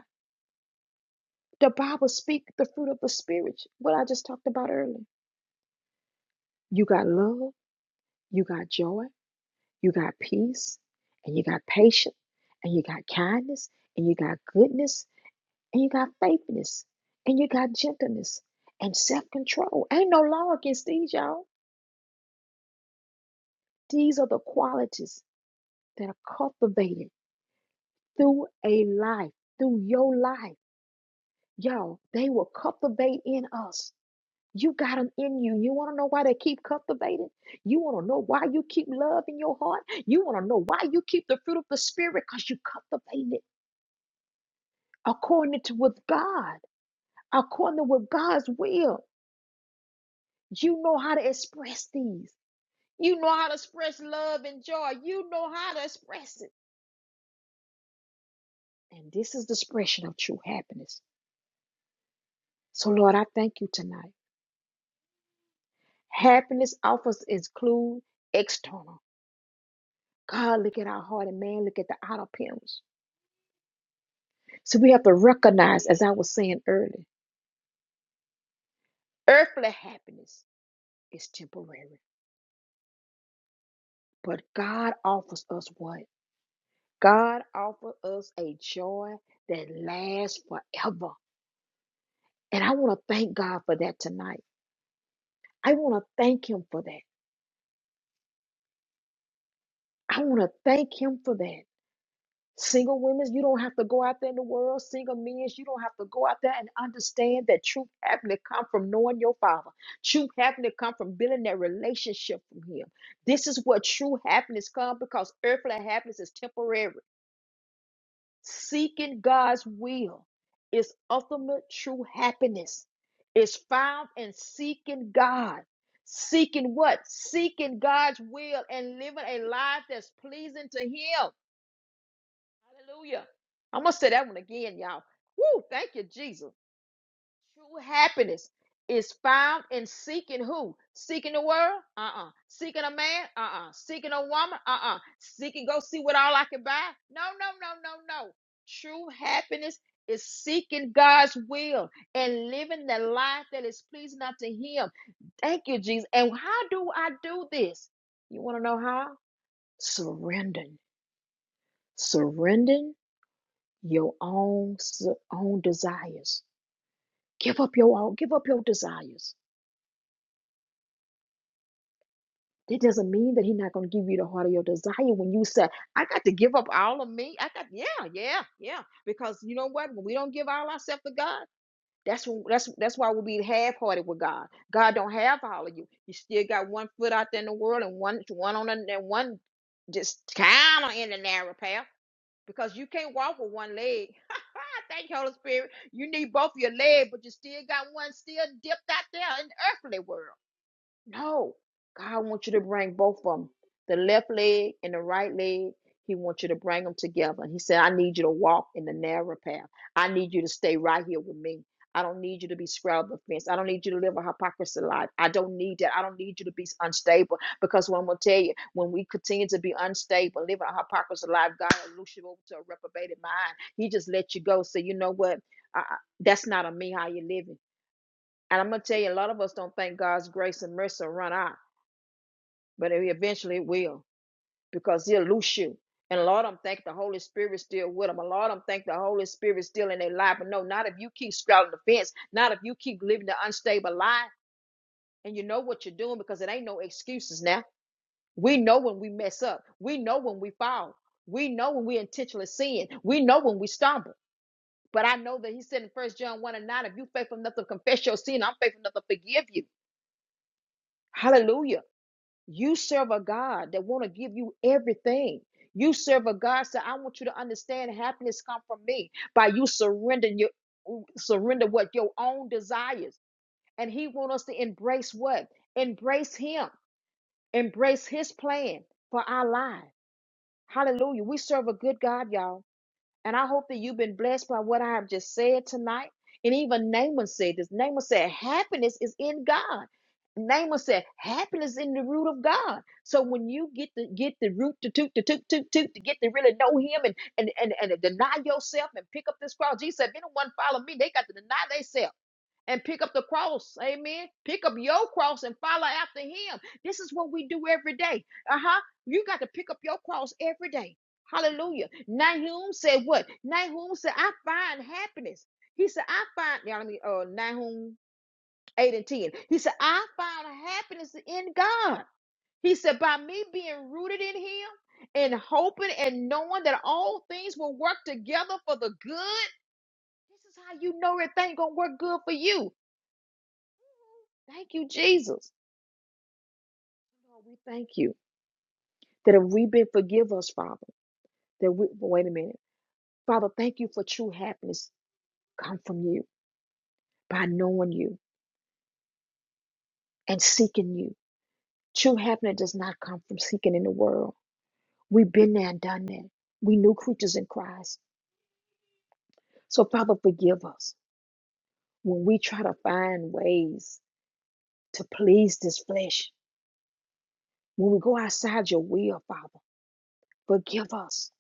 Speaker 1: The Bible speaks the fruit of the spirit, what I just talked about earlier. You got love, you got joy, you got peace, and you got patience, and you got kindness, and you got goodness, and you got faithfulness, and you got gentleness and self-control. Ain't no law against these, y'all. These are the qualities that are cultivated through a life, through your life. Y'all, they will cultivate in us You got them in you. You want to know why they keep cultivating? You want to know why you keep love in your heart? You want to know why you keep the fruit of the Spirit? Because you cultivate it according to with God, according to with God's will. You know how to express these. You know how to express love and joy. You know how to express it. And this is the expression of true happiness. So, Lord, I thank you tonight. Happiness offers include external. God, look at our heart and man, look at the outer appearance. So we have to recognize, as I was saying earlier, earthly happiness is temporary. But God offers us what? God offers us a joy that lasts forever. And I want to thank God for that tonight. I want to thank Him for that. I want to thank Him for that. Single women, you don't have to go out there in the world. Single men, you don't have to go out there and understand that truth having to come from knowing your father. Truth having to come from building that relationship from him. This is what true happiness comes because earthly happiness is temporary. Seeking God's will is ultimate true happiness. It's found in seeking God. Seeking what? Seeking God's will and living a life that's pleasing to Him. Hallelujah. I'm going to say that one again, y'all. Woo, thank you, Jesus. True happiness is found in seeking who? Seeking the world? Uh-uh. Seeking a man? Uh-uh. Seeking a woman? Uh-uh. Seeking go see what all I can buy? No, no, no, no, no. True happiness is seeking God's will and living the life that is pleasing unto him. Thank you, Jesus. And how do I do this? You want to know how? Surrendering. Surrendering your own s- own desires. Give up your own, give up your desires. That doesn't mean that he's not going to give you the heart of your desire when you say, I got to give up all of me. I got, yeah, yeah, yeah. Because you know what? When we don't give all ourselves to God, that's when, that's that's why we'll be half-hearted with God. God don't have all of you. You still got one foot out there in the world and one one on the, and one just kind of in the narrow path. because you can't walk with one leg. Thank you, Holy Spirit. You need both your legs, but you still got one still dipped out there in the earthly world. No, God wants you to bring both of them, the left leg and the right leg. He wants you to bring them together. And He said, I need you to walk in the narrow path. I need you to stay right here with me. I don't need you to be straddled the fence. I don't need you to live a hypocrisy life. I don't need that. I don't need you to be unstable because what I'm going to tell you, when we continue to be unstable, living a hypocrisy life, God will loose you over to a reprobated mind. He just let you go. So, you know what? I- that's not on me how you're living. And I'm going to tell you, a lot of us don't think God's grace and mercy run out but it eventually will because he'll loose you. And a lot of them think the Holy Spirit still with them. A lot of them think the Holy Spirit still in their life. But no, not if you keep straddling the fence, not if you keep living the unstable life and you know what you're doing because it ain't no excuses now. We know when we mess up, we know when we fall, we know when we intentionally sin, we know when we stumble. But I know that he said in First John 1 and 9, if you faithful enough to confess your sin, I'm faithful enough to forgive you. Hallelujah. You serve a God that want to give you everything. You serve a God so I want you to understand happiness come from me by you surrendering your surrender what your own desires. And he want us to embrace what? Embrace him. Embrace his plan for our life. Hallelujah. We serve a good God, y'all. And I hope that you've been blessed by what I have just said tonight. And even Naaman said this. Naaman said, happiness is in God. Naaman said, happiness in the root of God. So when you get to get the root to toot to toot toot toot to get to really know him and and, and and deny yourself and pick up this cross. Jesus said, if anyone follow me, they got to deny themselves and pick up the cross. Amen. Pick up your cross and follow after him. This is what we do every day. Uh huh. You got to pick up your cross every day. Hallelujah. Nahum said what? Nahum said, I find happiness. He said, I find, now let me, uh, Nahum 8 and 10. He said, I found happiness in God. He said, by me being rooted in him and hoping and knowing that all things will work together for the good. This is how you know everything gonna work good for you Thank you, Jesus. Lord, we thank you that if we've been forgive us, Father, that we wait a minute. Father, thank you for true happiness come from you by knowing you and seeking you. True happiness does not come from seeking in the world. We've been there and done that. We new creatures in Christ. So Father, forgive us when we try to find ways to please this flesh. When we go outside your will, Father, forgive us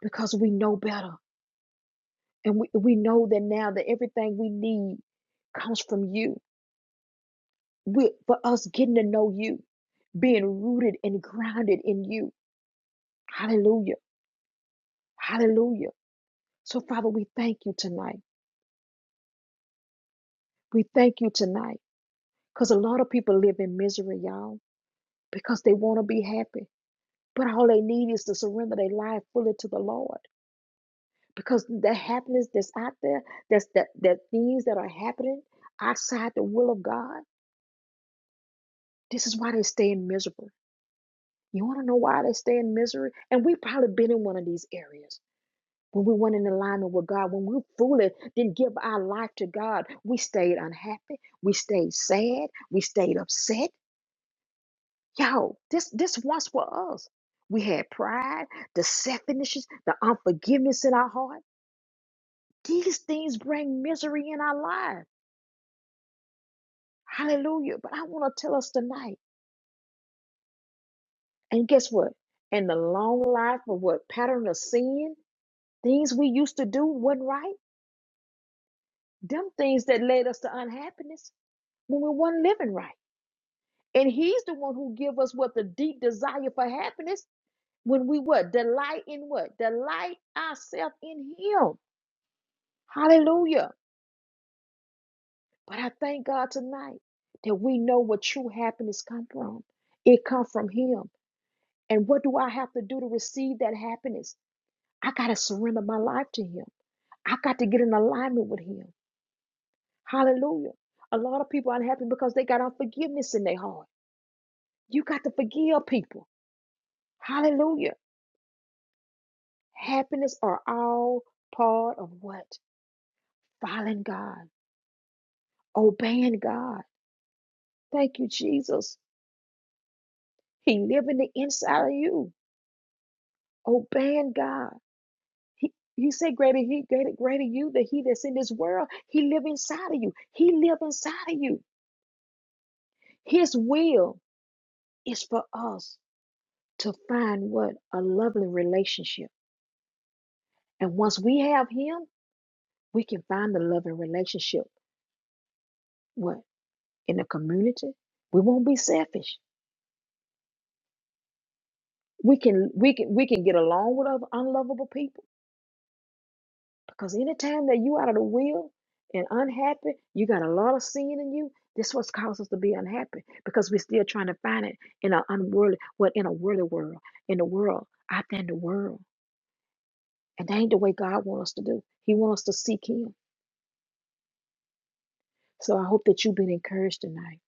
Speaker 1: because we know better. And we, we know that now that everything we need comes from you. We, for us getting to know you, being rooted and grounded in you. Hallelujah. Hallelujah. So, Father, we thank you tonight. We thank you tonight because a lot of people live in misery, y'all, because they want to be happy. But all they need is to surrender their life fully to the Lord because the happiness that's out there, that's that, that things that are happening outside the will of God, this is why they stay miserable. You want to know why they stay in misery? And we've probably been in one of these areas. When we weren't in alignment with God, when we were foolish, didn't give our life to God, we stayed unhappy, we stayed sad, we stayed upset. Yo, this this once for us. We had pride, the selfishness, the unforgiveness in our heart. These things bring misery in our life. Hallelujah. But I want to tell us tonight. And guess what? In the long life of what pattern of sin, things we used to do wasn't right them things that led us to unhappiness when we weren't living right. And he's the one who give us what the deep desire for happiness when we what? Delight in what? Delight ourselves in him. Hallelujah. But I thank God tonight that we know where true happiness come from. It come from him. And what do I have to do to receive that happiness? I got to surrender my life to him. I got to get in alignment with him. Hallelujah. A lot of people are unhappy because they got unforgiveness in their heart. You got to forgive people. Hallelujah. Happiness are all part of what? Following God, obeying God. Thank you, Jesus. He live in the inside of you, obeying God. He, He said greater he, greater, greater you, that he that's in this world, he live inside of you. He live inside of you. His will is for us to find what? A lovely relationship. And once we have him, we can find the loving relationship. What? in the community, we won't be selfish. We can we can we can get along with other unlovable people because anytime that you out of the will and unhappy, you got a lot of sin in you. This what's caused us to be unhappy because we're still trying to find it in an unworldly well in a worldly world, in the world, out there in the world. And that ain't the way God wants us to do. He wants us to seek him. So I hope that you've been encouraged tonight,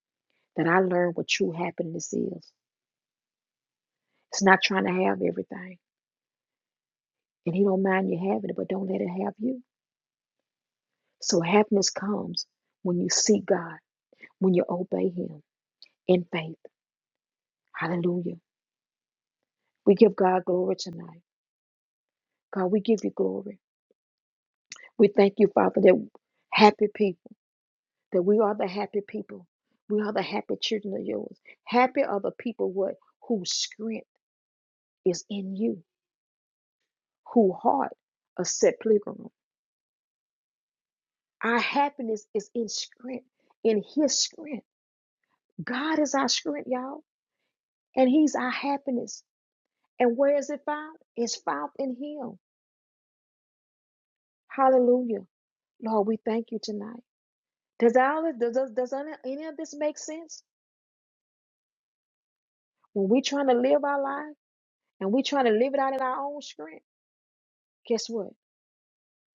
Speaker 1: that I learned what true happiness is. It's not trying to have everything. And he don't mind you having it, but don't let it have you. So happiness comes when you seek God, when you obey Him in faith. Hallelujah. We give God glory tonight. God, we give you glory. We thank you, Father, that happy people, that we are the happy people. We are the happy children of yours. Happy are the people what whose strength is in you, whose heart are set pilgrim. Our happiness is in strength, in his strength. God is our strength, y'all, and he's our happiness. And where is it found? It's found in Him. Hallelujah. Lord, we thank you tonight. Does all of, does, does, does any any of this make sense? When we're trying to live our life and we're trying to live it out in our own strength, guess what?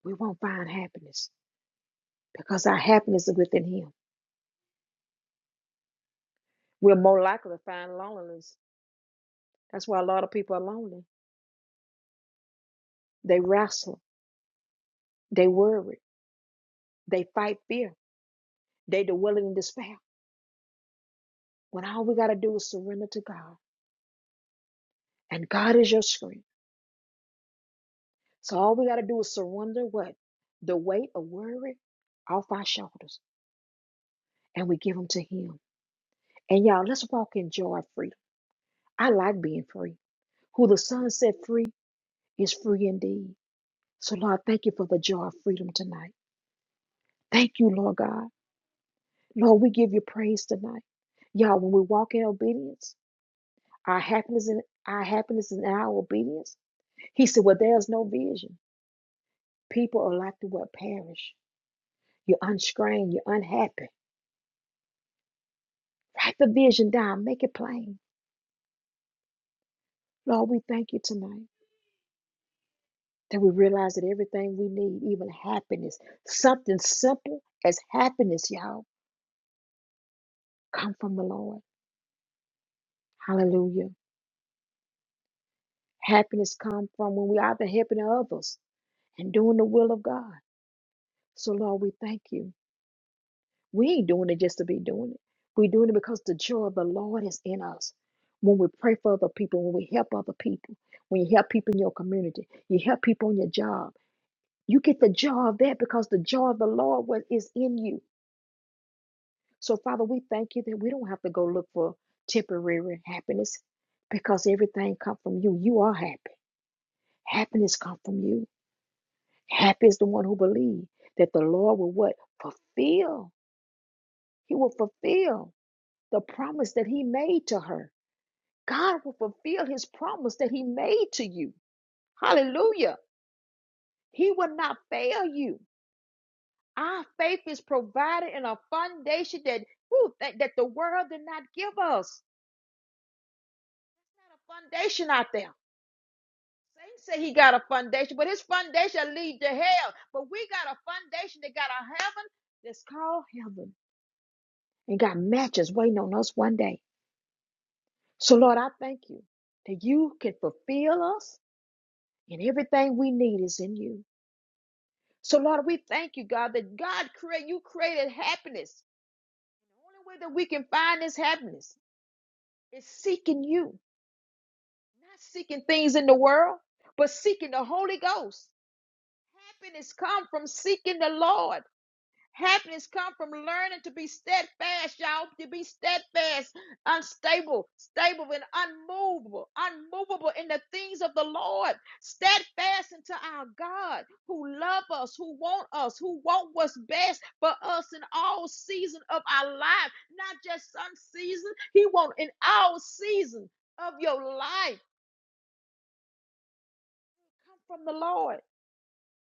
Speaker 1: We won't find happiness because our happiness is within Him. We're more likely to find loneliness. That's why a lot of people are lonely. They wrestle, they worry, they fight fear, they dwell in despair. When all we got to do is surrender to God, and God is your strength. So all we got to do is surrender what? The weight of worry off our shoulders and we give them to Him. And y'all, let's walk in joy free. I like being free. Who the Son set free is free indeed. So, Lord, thank you for the joy of freedom tonight. Thank you, Lord God. Lord, we give you praise tonight. Y'all, when we walk in obedience, our happiness in our happiness in our obedience. He said, Well, there's no vision. People are like the what perish. You're unstrained, you're unhappy Write the vision down, make it plain. Lord, we thank you tonight that we realize that everything we need, even happiness, something simple as happiness, y'all, come from the Lord. Hallelujah. Happiness come from when we are out there helping others and doing the will of God. So, Lord, we thank you. We ain't doing it just to be doing it. We're doing it because the joy of the Lord is in us. When we pray for other people, when we help other people, when you help people in your community, you help people on your job You get the joy of that because the joy of the Lord wa- is in you. So, Father, we thank you that we don't have to go look for temporary happiness because everything comes from you. You are happy. Happiness comes from you. Happy is the one who believes that the Lord will what? Fulfill. He will fulfill the promise that he made to her. God will fulfill his promise that he made to you. Hallelujah. He will not fail you. Our faith is provided in a foundation that, whew, that, that the world did not give us. Not a foundation out there. Satan said he got a foundation, but his foundation lead to hell. But we got a foundation that got a heaven that's called heaven and got matches waiting on us one day. So, Lord, I thank you that you can fulfill us and everything we need is in you. So, Lord, we thank you, God, that God create you created happiness. The only way that we can find this happiness is seeking you not seeking things in the world, but seeking the Holy Ghost. Happiness come from seeking the Lord. Happiness come from learning to be steadfast, y'all. To be steadfast, unstable, stable, and unmovable, unmovable in the things of the Lord. Steadfast into our God, who love us, who want us, who want what's best for us in all season of our life, not just some season. He want in all season of your life. from the Lord.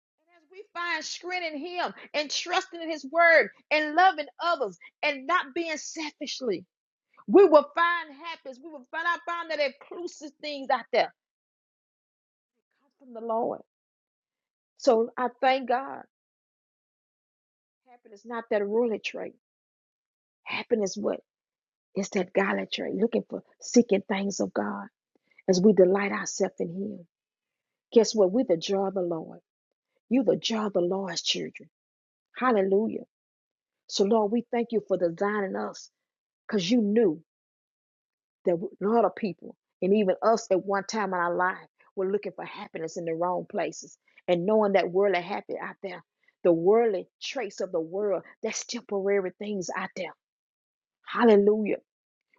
Speaker 1: And as we find strength in Him and trusting in His Word and loving others and not being selfishly, we will find happiness. We will find out find that inclusive things out there come from the Lord. So I thank God. Happiness not that ruling trait. Happiness what? It's that godly trait. Looking for seeking things of God as we delight ourselves in Him. Guess what? We're the joy of the Lord. You the joy of the Lord's children. Hallelujah. So Lord, we thank you for designing us because you knew that a lot of people, and even us at one time in our life, were looking for happiness in the wrong places. And knowing that worldly happy out there, the worldly traits of the world, that's temporary things out there. Hallelujah.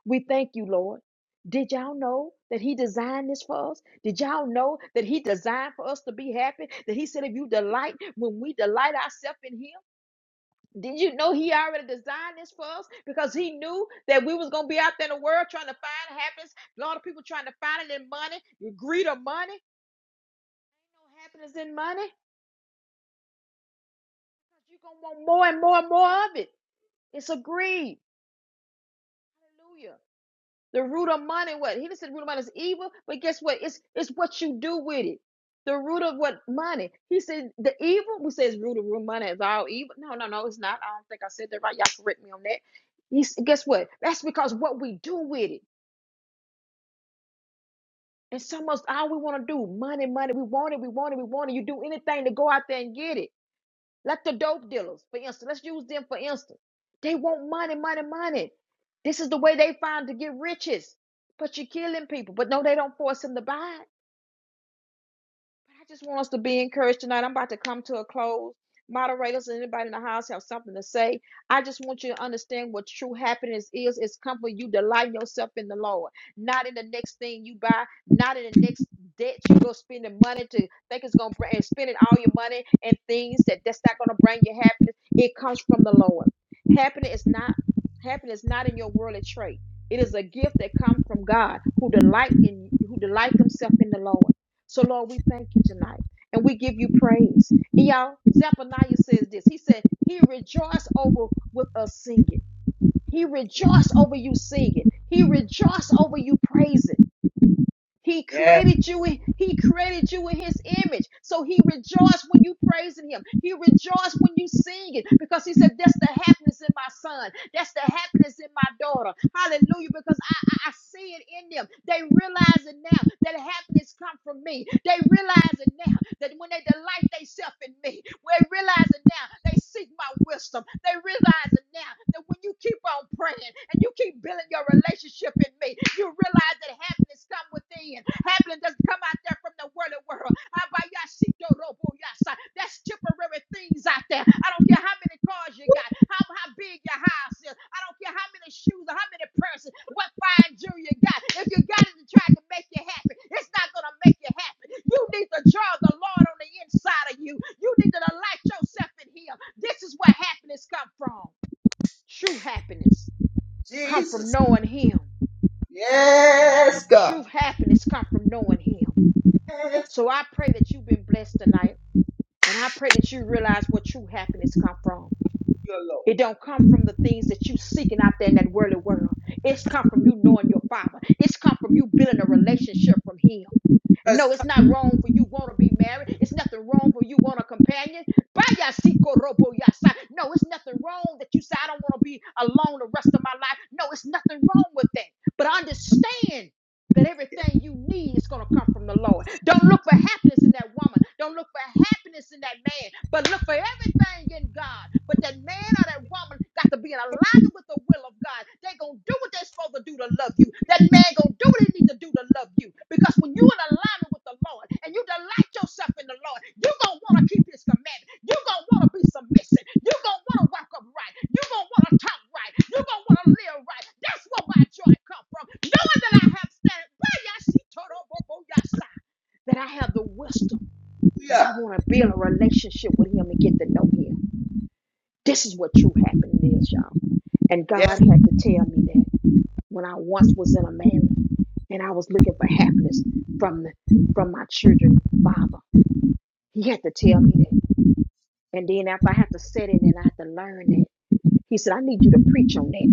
Speaker 1: We thank you, Lord. Did y'all know that He designed this for us? Did y'all know that He designed for us to be happy? That He said, if you delight, when we delight ourselves in Him, did you know he already designed this for us? Because he knew that we was gonna be out there in the world trying to find happiness. A lot of people trying to find it in money, the greed of money. Ain't no happiness in money. You're gonna want more and more and more of it. It's a greed. Hallelujah. The root of money, what? He didn't say the root of money is evil, but guess what? It's it's what you do with it. The root of what money. He said the evil, we say it's root of root money is all evil. No, no, no, it's not. I don't think I said that right. Y'all correct me on that. He's, guess what? That's because what we do with it. And some of us, all we want to do, money, money. We want it, we want it, we want it. You do anything to go out there and get it. Let the dope dealers, for instance, let's use them for instance. They want money, money, money. This is the way they find to get riches. But you're killing people. But no, they don't force them to buy. But I just want us to be encouraged tonight. I'm about to come to a close. Moderators and anybody in the house have something to say. I just want you to understand what true happiness is. It's come when you delight yourself in the Lord, not in the next thing you buy, not in the next debt you go spend the money to think it's gonna bring and spending all your money and things that that's not gonna bring you happiness. It comes from the Lord. Happiness is not happiness is not in your worldly trait. It is a gift that comes from God who delight in who delight themselves in the Lord. So, Lord, we thank you tonight and we give you praise. And y'all, Zephaniah says this He said, He rejoiced over with us singing. He rejoiced over you singing. He rejoiced over you praising. He
Speaker 2: Yes,
Speaker 1: created you. in- He created you in his image. So he rejoiced when you praising him. He rejoiced when you sing it because he said, that's the happiness in my son. That's the happiness in my daughter. Hallelujah. Because I, I, I see it in them. They realize it now that happiness come from me. They realize it now that when they delight themselves in me, they realize it now. They seek my wisdom. They realize it now that when you keep on praying and you keep building your relationship in me, you realize that happiness comes with within. Happiness doesn't come out there from the worldly world. Abayashito roboyasa. That's temporary things out there. I don't care how many cars you got, how, how big your house is. I don't care how many shoes or how many purses, what fine jewelry you got. If you got it to try to make you happy, it's not going to make you happy. You need the joy of the Lord on the inside of you. You need to delight yourself in Him. This is where happiness come from. True happiness come from
Speaker 2: Jesus.
Speaker 1: knowing Him.
Speaker 2: Yes, God.
Speaker 1: True happiness come from knowing Him.
Speaker 2: Yes,
Speaker 1: So I pray that you've been blessed tonight. And I pray that you realize where true happiness come from.
Speaker 2: your Lord.
Speaker 1: It don't come from the things that you seeking out there in that worldly world. It's come from you knowing your father. It's come from you building a relationship from him. And
Speaker 2: Yes,
Speaker 1: no, it's not wrong for you want to be married. It's nothing wrong for you want a companion. Baya siko robo yasa. No, it's nothing wrong that you say I don't want to be alone the rest of my life. No, it's nothing wrong with that. But understand that everything you need is going to come from the Lord. Don't look for happiness in that woman. Don't look for happiness in that man, but look for everything in God. But that man or that woman got to be in alignment with the will of God. They're going to do what they're supposed to do to love you. That man going to do what he needs to do to love you. Because when you're in alignment with the Lord and you delight yourself in the Lord, you're going to want to keep his commandments. You're going to want to be submissive. You're going to want to walk upright. You're going to want to talk right. You're going to want to live right. That's where my joy comes from. Knowing that I have standing, that I have the wisdom and I
Speaker 2: hallelujah.
Speaker 1: want to build a relationship with him and get to know him. This is what true happiness is, y'all. And
Speaker 2: Yes,
Speaker 1: God had to tell me that when I once was in a marriage and I was looking for happiness from the, from my children father. He had to tell me that. And then after I had to sit in and I had to learn that. He said, I need you to preach on that.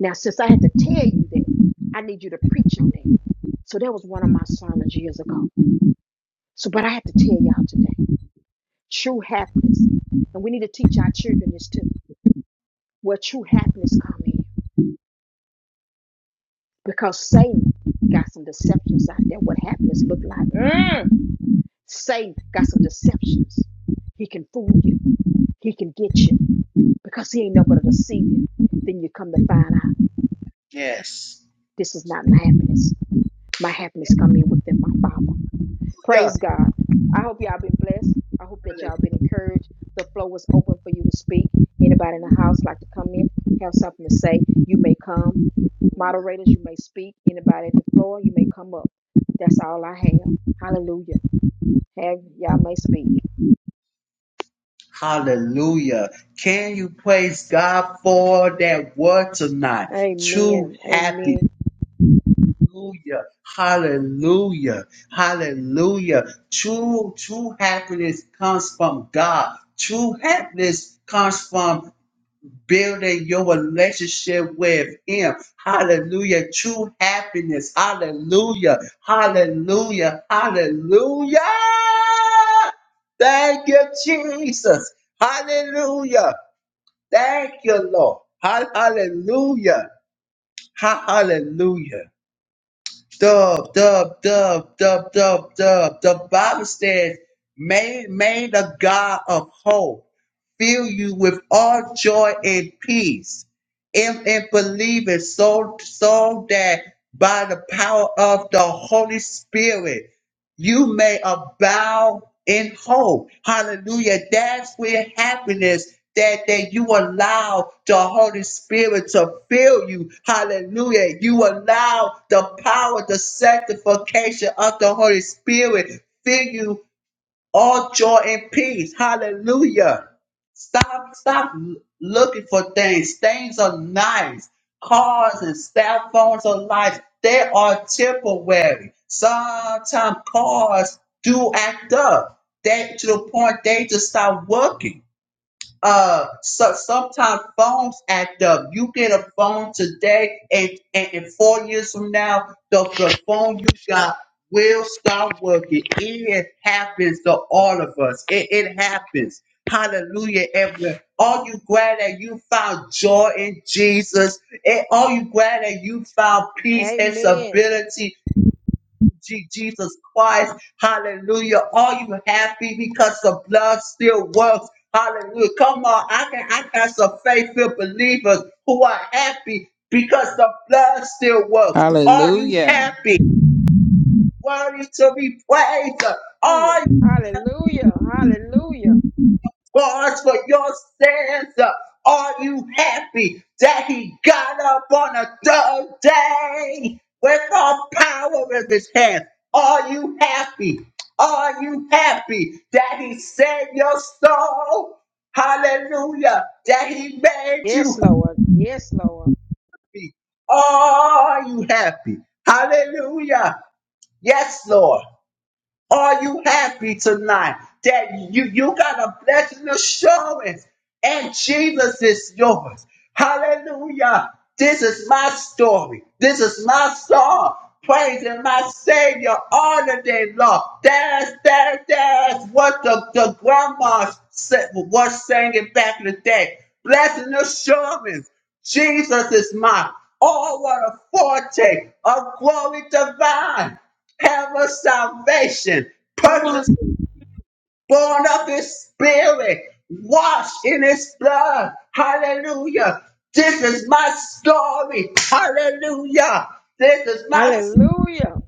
Speaker 1: Now, since I had to tell you that, I need you to preach on that. So that was one of my sermons years ago. So, but I have to tell y'all today, true happiness. And we need to teach our children this too, where true happiness come in. Because Satan got some deceptions out there, what happiness look like. Mm, Satan got some deceptions. He can fool you. He can get you because he ain't no but a deceiver. Then you come to find out
Speaker 2: yes.
Speaker 1: this is not my happiness. My happiness come in within my father. Praise
Speaker 2: Hallelujah.
Speaker 1: God. I hope y'all been blessed. I hope that y'all been encouraged. The floor was open for you to speak. Anybody in the house like to come in, have something to say, you may come. Moderators, you may speak. Anybody at the floor, you may come up. That's all I have. Hallelujah. Have y'all may speak.
Speaker 2: Hallelujah. Can you praise God for that word tonight? True
Speaker 1: Amen.
Speaker 2: happy.
Speaker 1: Amen.
Speaker 2: Hallelujah. Hallelujah. Hallelujah. True, true happiness comes from God. True happiness comes from building your relationship with Him. Hallelujah. True happiness. Hallelujah. Hallelujah. Hallelujah. Thank you, Jesus. Hallelujah. Thank you, Lord. Ha- Hallelujah. Ha- Hallelujah. Dub, dub, dub, dub, dub, dub. The Bible says, may, may the God of hope fill you with all joy and peace in, in believing so, so that by the power of the Holy Spirit you may abound in hope. Hallelujah. That's where happiness that, that you allow the Holy Spirit to fill you. Hallelujah. You allow the power, the sanctification of the Holy Spirit fill you all joy and peace. Hallelujah. Stop, stop looking for things. Things are nice. Cars and cell phones are nice. They are temporary. Sometimes cars do act up. They to the point they just stop working. Uh, so sometimes phones act up. You get a phone today, and, and, and four years from now, the, the phone you got will stop working. It happens to all of us. It, it happens. Hallelujah, everywhere. All you glad that you found joy in Jesus. And all you glad that you found peace and
Speaker 1: Amen.
Speaker 2: stability Je- Jesus Christ. Hallelujah. Are you happy because the blood still works? Hallelujah. Come on. I can I got some faithful believers who are happy because the blood still works. Are you
Speaker 4: Hallelujah.
Speaker 2: happy? Worthy to be praised.
Speaker 1: Hallelujah.
Speaker 2: Are
Speaker 1: Hallelujah. Hallelujah.
Speaker 2: Pause for your stanza. Are you happy that he got up on a third day with all power in his hand? Are you happy? Are you happy that he saved your soul? Hallelujah. That he made
Speaker 1: Yes,
Speaker 2: you
Speaker 1: Lord. Yes, Lord.
Speaker 2: happy. Are you happy? Hallelujah. Yes, Lord. Are you happy tonight that you, you got a blessing assurance and Jesus is yours? Hallelujah. This is my story. This is my song. Praising my Savior all the day long. That's, that's, that's what the, the grandma said, was singing back in the day. Blessing assurance. Jesus is mine. Oh, what a foretaste of glory divine have a salvation,
Speaker 5: Awesome.
Speaker 2: purchased, born of his spirit, washed in his blood. Hallelujah. This is my story. Hallelujah. This is my
Speaker 1: Hallelujah.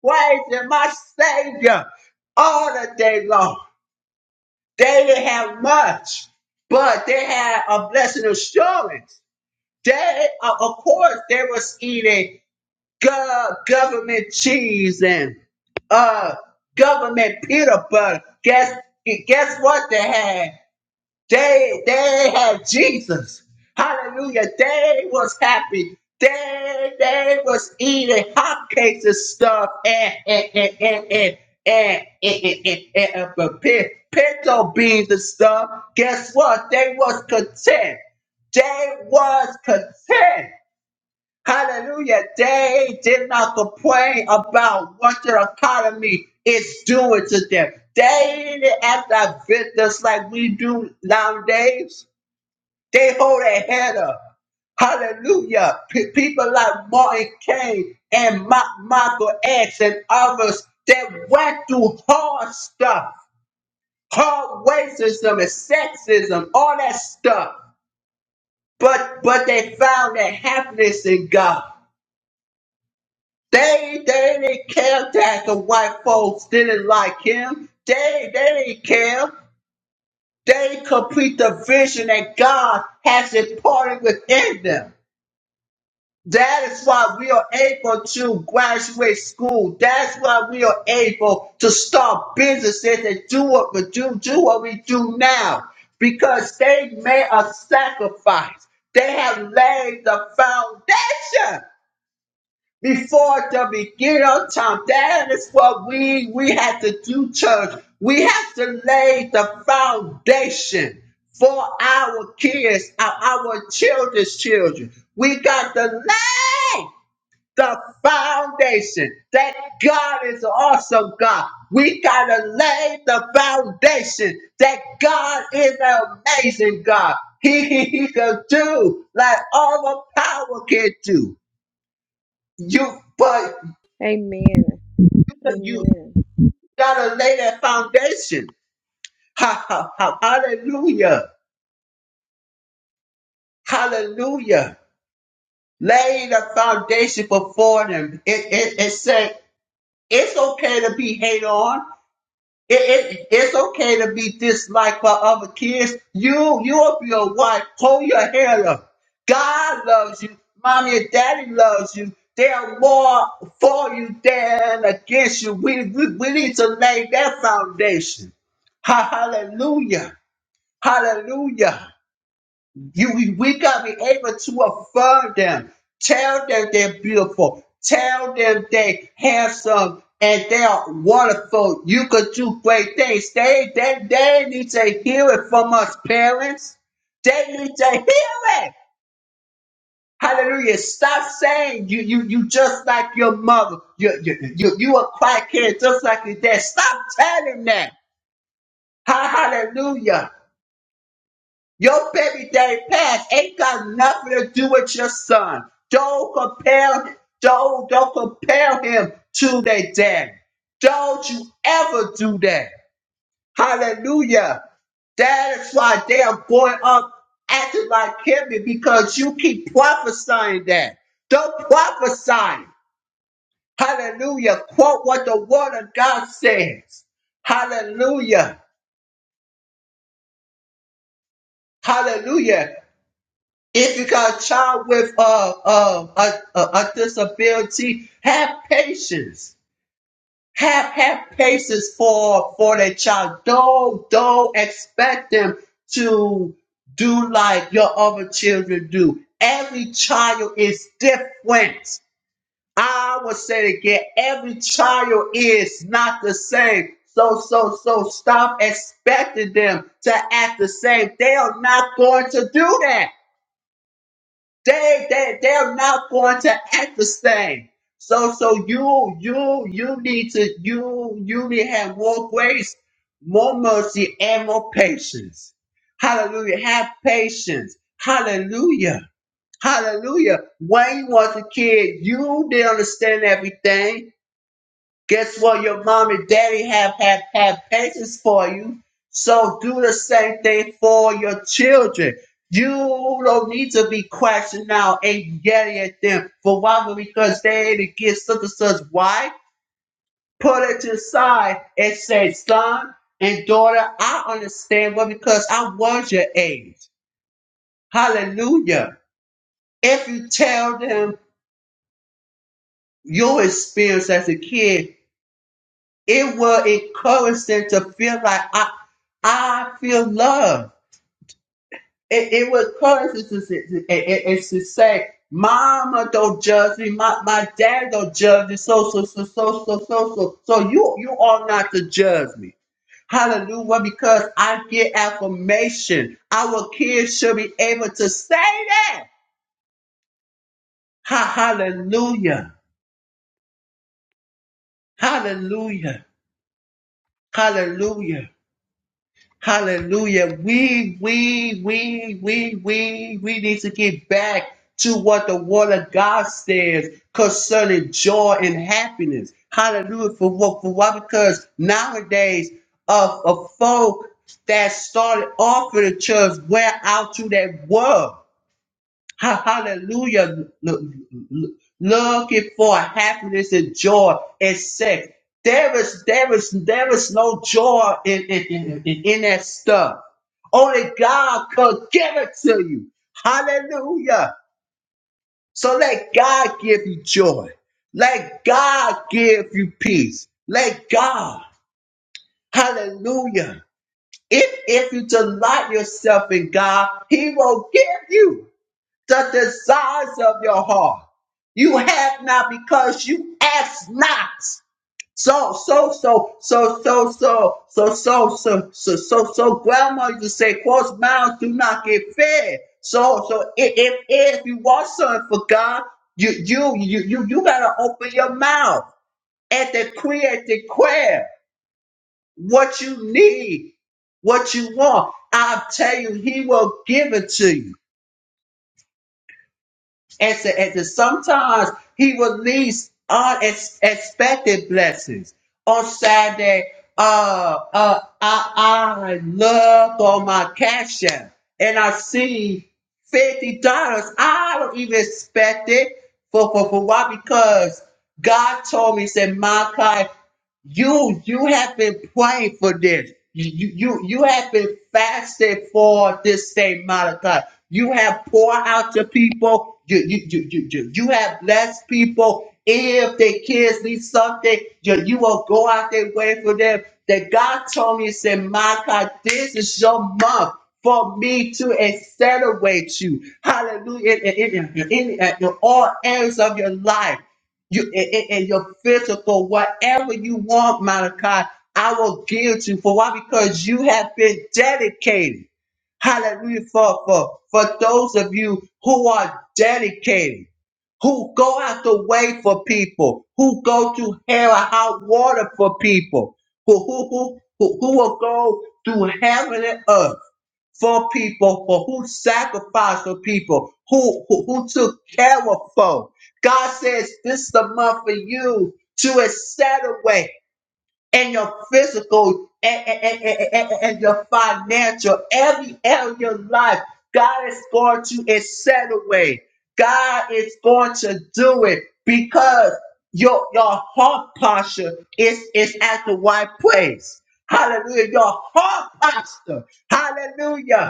Speaker 2: praise and my savior. All the day long. They didn't have much, but they had a blessing assurance. They, of of course, they was eating go- government cheese and uh government peanut butter. Guess guess what they had? They they had Jesus. Hallelujah. They was happy. They they was eating hotcakes and stuff and and and and and and, and, and, and, and, and, but pe- pinto beans and stuff. Guess what? They was content. They was content. Hallelujah. They did not complain about what their economy is doing to them. They didn't act like victims like we do nowadays. They hold their head up. Hallelujah. P- people like Martin Kane and Ma- Michael X and others that went through hard stuff, hard racism and sexism, all that stuff. But but they found their happiness in God. They they didn't care that the white folks didn't like him. They they didn't care. They complete the vision that God has imparted within them. That is why we are able to graduate school. That's why we are able to start businesses and do what we do, do what we do now. Because they made a sacrifice. They have laid the foundation before the beginning of time. That is what we we have to do, church. We have to lay the foundation for our kids, our, our children's children. We got to lay the foundation that God is an awesome God. We got to lay the foundation that God is an amazing God. He, he, he can do like all the power can do. You but
Speaker 1: Amen.
Speaker 2: so you
Speaker 1: Amen.
Speaker 2: gotta lay that foundation. Ha, ha, ha. Hallelujah. Hallelujah. Lay the foundation before them. It, it, it said, it's okay to be hate on. It, it, it's okay to be disliked by other kids. You, you'll your a wife. Hold your hair up. God loves you. Mommy and daddy loves you. They're more for you than against you. We, we, we need to lay that foundation. Ha- Hallelujah. Hallelujah. You, we we gotta be able to affirm them, tell them they're beautiful, tell them they handsome and they are wonderful. You could do great things. They they they need to hear it from us parents. They need to hear it. Hallelujah. Stop saying you you you just like your mother. You you you, you a quiet kid just like your dad. Stop telling them. Ha- Hallelujah. Your baby daddy past ain't got nothing to do with your son. Don't compare, don't, don't compare him to their daddy. Don't you ever do that. Hallelujah. That is why they are going up acting like him because you keep prophesying that. Don't prophesy. Hallelujah. Quote what the word of God says. Hallelujah. Hallelujah. If you got a child with uh, uh, a, a, a disability, have patience. Have have patience for for that child. Don't don't expect them to do like your other children do. Every child is different. I would say again, every child is not the same. So so so stop expecting them to act the same. They are not going to do that. They they they're not going to act the same. So so you you you need to you you need to have more grace, more mercy, and more patience. Hallelujah. Have patience. Hallelujah. Hallelujah. When you was a kid, you didn't understand everything. Guess what? Your mom and daddy have had have have patience for you. So do the same thing for your children. You don't need to be crashing out and yelling at them for why because they ain't not get such and such. Why? Put it to the side and say, son and daughter, I understand well because I was your age. Hallelujah. If you tell them your experience as a kid It will encourage them to feel like I, I feel loved. It, it will encourage them to, to, to, to say, Mama don't judge me. My, my dad don't judge me. So, so, so, so, so, so, so. So you, you are not to judge me. Hallelujah. Because I get affirmation. Our kids should be able to say that. Ha- hallelujah. Hallelujah. Hallelujah. Hallelujah. We, we, we, we, we, we need to get back to what the word of God says concerning joy and happiness. Hallelujah. For what? For why? Because nowadays, of uh, uh, folk that started off in the church went out to that world. Ha- Hallelujah. Look- look- Looking for happiness and joy and sex. There is, there is, there is no joy in, in, in, in that stuff. Only God could give it to you. Hallelujah. So let God give you joy. Let God give you peace. Let God. Hallelujah. If, if you delight yourself in God, He will give you the desires of your heart. You have not because you ask not. So, so, so, so, so, so, so, so, so, so, so, so, grandma used to say, closed mouths do not get fed. So, so if, if, if you want something for God, you, you, you, you, you gotta open your mouth and decree and declare what you need, what you want. I'll tell you, he will give it to you. And, so, and so sometimes he released unexpected blessings. On Saturday, uh, uh, I, I look on my cash app and I see $50. I don't even expect it for, for, for why? Because God told me, he said, Malachi. You you have been praying for this. You you you have been fasting for this same amount of time. You have poured out to people. You you you you, you, you have blessed people. If their kids need something, you, you will go out their way for them. That God told me, He said, Micah, this is your month for me to accelerate you. Hallelujah. In, in, in, in, in all areas of your life you in, in- in your physical, whatever you want, Malachi, I will give to you. For why? Because you have been dedicated. Hallelujah. For, for, for those of you who are dedicated, who go out the way for people, who go to hell or hot water for people, who, who, who, who, who will go through heaven and earth for people, for who sacrificed for people, who, who, who took care of folk. God says this is the month for you to accelerate in your physical and, and, and, and, and your financial, every area of your life. God is going to accelerate. God is going to do it because your, your heart posture is, is at the right place. Hallelujah. Your heart posture. Hallelujah.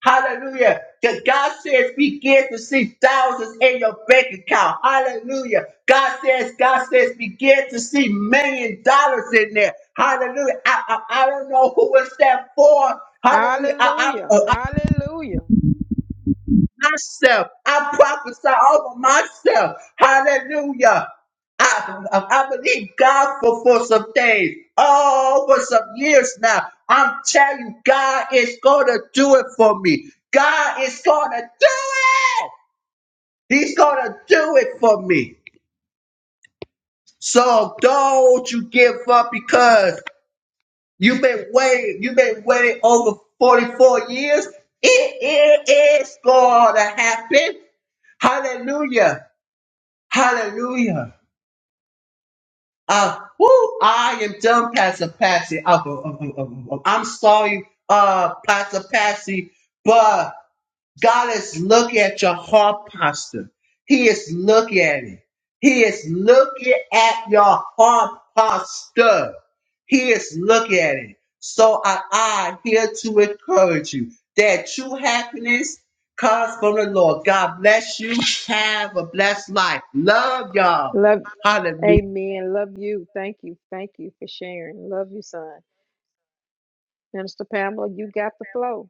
Speaker 2: Hallelujah. Because God says begin to see thousands in your bank account. Hallelujah. God says, God says begin to see million dollars in there. Hallelujah. I, I, I don't know who it's that for. Hallelujah.
Speaker 1: Hallelujah.
Speaker 2: I,
Speaker 1: Hallelujah.
Speaker 2: myself. I prophesy over myself. Hallelujah. I, I believe God for, for some things. Oh, for some years now. I'm telling you, God is going to do it for me. God is going to do it. He's going to do it for me. So don't you give up because you've been waiting. You've been waiting over 44 years. It, it is going to happen. Hallelujah. Hallelujah. Uh, woo, I am done, Pastor Patsy. Uh, uh, uh, uh, uh, I'm sorry, uh, Pastor Patsy, but God is looking at your heart posture. He is looking at it. He is looking at your heart posture. He is looking at it. So I, I here to encourage you that true happiness comes from the Lord. God bless you. Have a blessed life. Love y'all.
Speaker 1: Love.
Speaker 2: Hallelujah.
Speaker 1: Amen. Love you. Thank you. Thank you for sharing. Love you, son. Minister Pamela, you got the flow.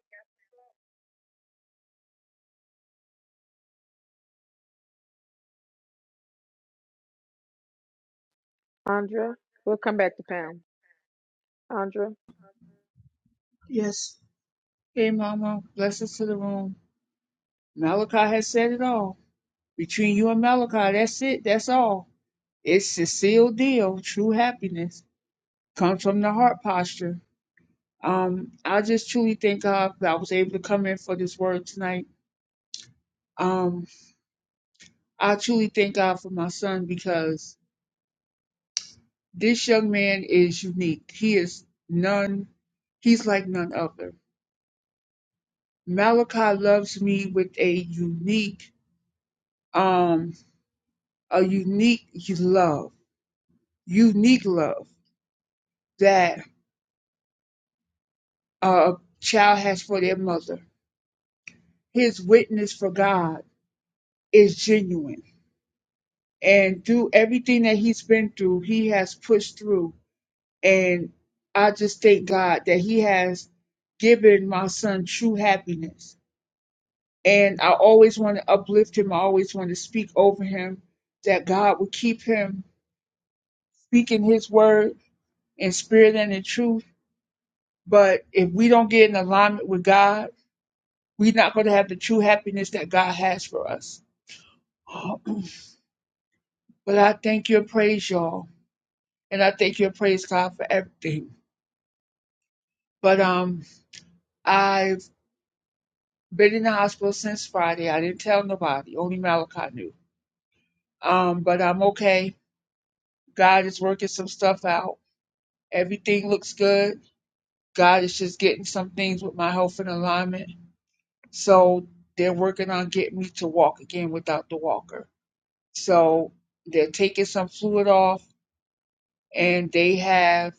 Speaker 1: Andra, we'll come back to Pam. Andra.
Speaker 5: Yes, came on, came on. Not all. all. It's real truth come true. Um, I just truly thank God that I was able to come in for tonight. Um, I truly thank God for my son because this young man is unique. He is none. He's like none other. Malachi loves me with a unique, um, a unique love, unique love that a child has for their mother. His witness for God is genuine and through everything that he's been through, he has pushed through. And I just thank God that he has given my son true happiness. And I always want to uplift him. I always want to speak over him that God will keep him speaking his word in spirit and in truth. But if we don't get in alignment with God, we're not going to have the true happiness that God has for us. But I thank you and praise y'all. And I thank you and praise God for everything. But um I've been in the hospital since Friday. I didn't tell nobody. Only Malachi knew. Um, but I'm okay. God is working some stuff out. Everything looks good. God is just getting some things with my health in alignment. So they're working on getting me to walk again without the walker. So they're taking some fluid off and they have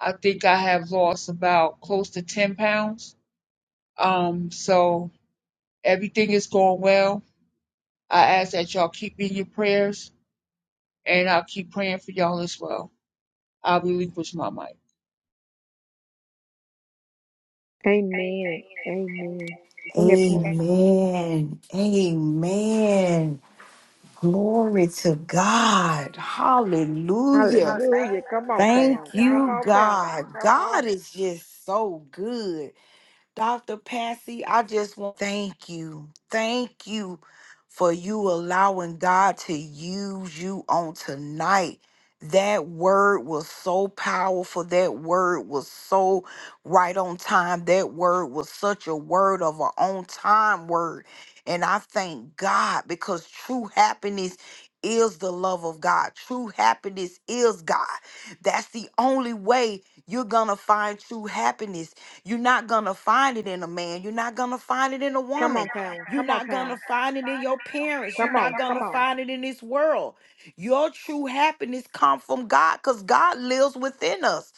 Speaker 5: I think I have lost about close to ten pounds. Um, so everything is going well. I ask that y'all keep me in your prayers and I'll keep praying for y'all as well. I'll be relinquish my mic.
Speaker 1: Amen. Amen. Go ahead, Pam.
Speaker 3: Amen. Amen. Glory to God. Hallelujah.
Speaker 1: Hallelujah. Come on,
Speaker 3: Thank
Speaker 1: Pam. Come
Speaker 3: you,
Speaker 1: on, Pam.
Speaker 3: God.
Speaker 1: Come
Speaker 3: God
Speaker 1: on.
Speaker 3: is just so good. Dr. Patsy, I just want thank you. Thank you for you allowing God to use you on tonight. That word was so powerful. That word was so right on time. That word was such a word of an on time word. And I thank God because true happiness is the love of God. True happiness is God. That's the only way you're going to find true happiness you're not going to find it in a man. You're not going to find it in a
Speaker 1: Come on,
Speaker 3: woman.
Speaker 1: Pam.
Speaker 3: You're
Speaker 1: Come on,
Speaker 3: not going
Speaker 1: Pam.
Speaker 3: to find it in your parents. You're
Speaker 1: Come on.
Speaker 3: not going
Speaker 1: Come
Speaker 3: to
Speaker 1: on.
Speaker 3: find it in this world. Your true happiness comes from God cuz God lives within us.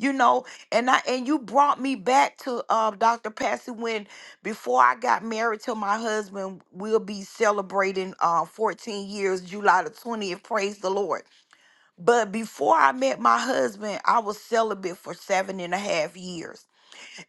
Speaker 3: You know, and I and you brought me back to uh, Dr. Patsy when before I got married to my husband, we'll be celebrating uh, 14 years July the 20th. Praise the Lord. But before I met my husband, I was celibate for seven and a half years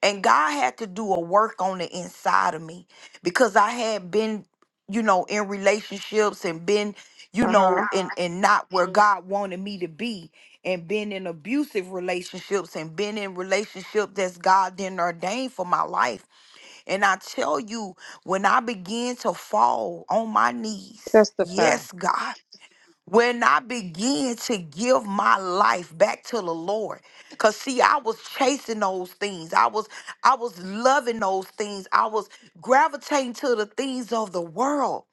Speaker 3: and God had to do a work on the inside of me because I had been, you know, in relationships and been, you
Speaker 1: Uh
Speaker 3: know,
Speaker 1: huh.
Speaker 3: and and not where Mhm. God wanted me to be, and been in abusive relationships and been in relationships that's God didn't ordain for my life. And I tell you, when I began to fall on my knees,
Speaker 1: Testify.
Speaker 3: yes, God when I began to give my life back to the Lord. Cause see, I was chasing those things. I was I was loving those things. I was gravitating to the things of the world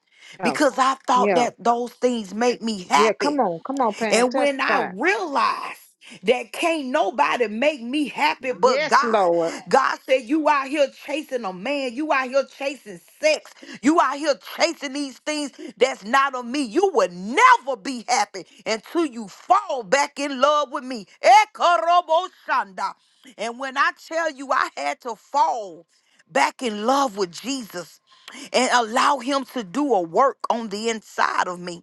Speaker 1: Oh,
Speaker 3: because I thought
Speaker 1: yeah.
Speaker 3: that those things made me
Speaker 1: Yeah.
Speaker 3: happy.
Speaker 1: Come on. Come on, Pam.
Speaker 3: And when I
Speaker 1: Testify.
Speaker 3: realized that can't nobody make me happy but
Speaker 1: Yes,
Speaker 3: God,
Speaker 1: Lord.
Speaker 3: God said, You out here chasing a man, you out here chasing sex, you out here chasing these things that's not of me. You will never be happy until you fall back in love with me. Ekoroboshanda. And when I tell you, I had to fall back in love with Jesus and allow him to do a work on the inside of me.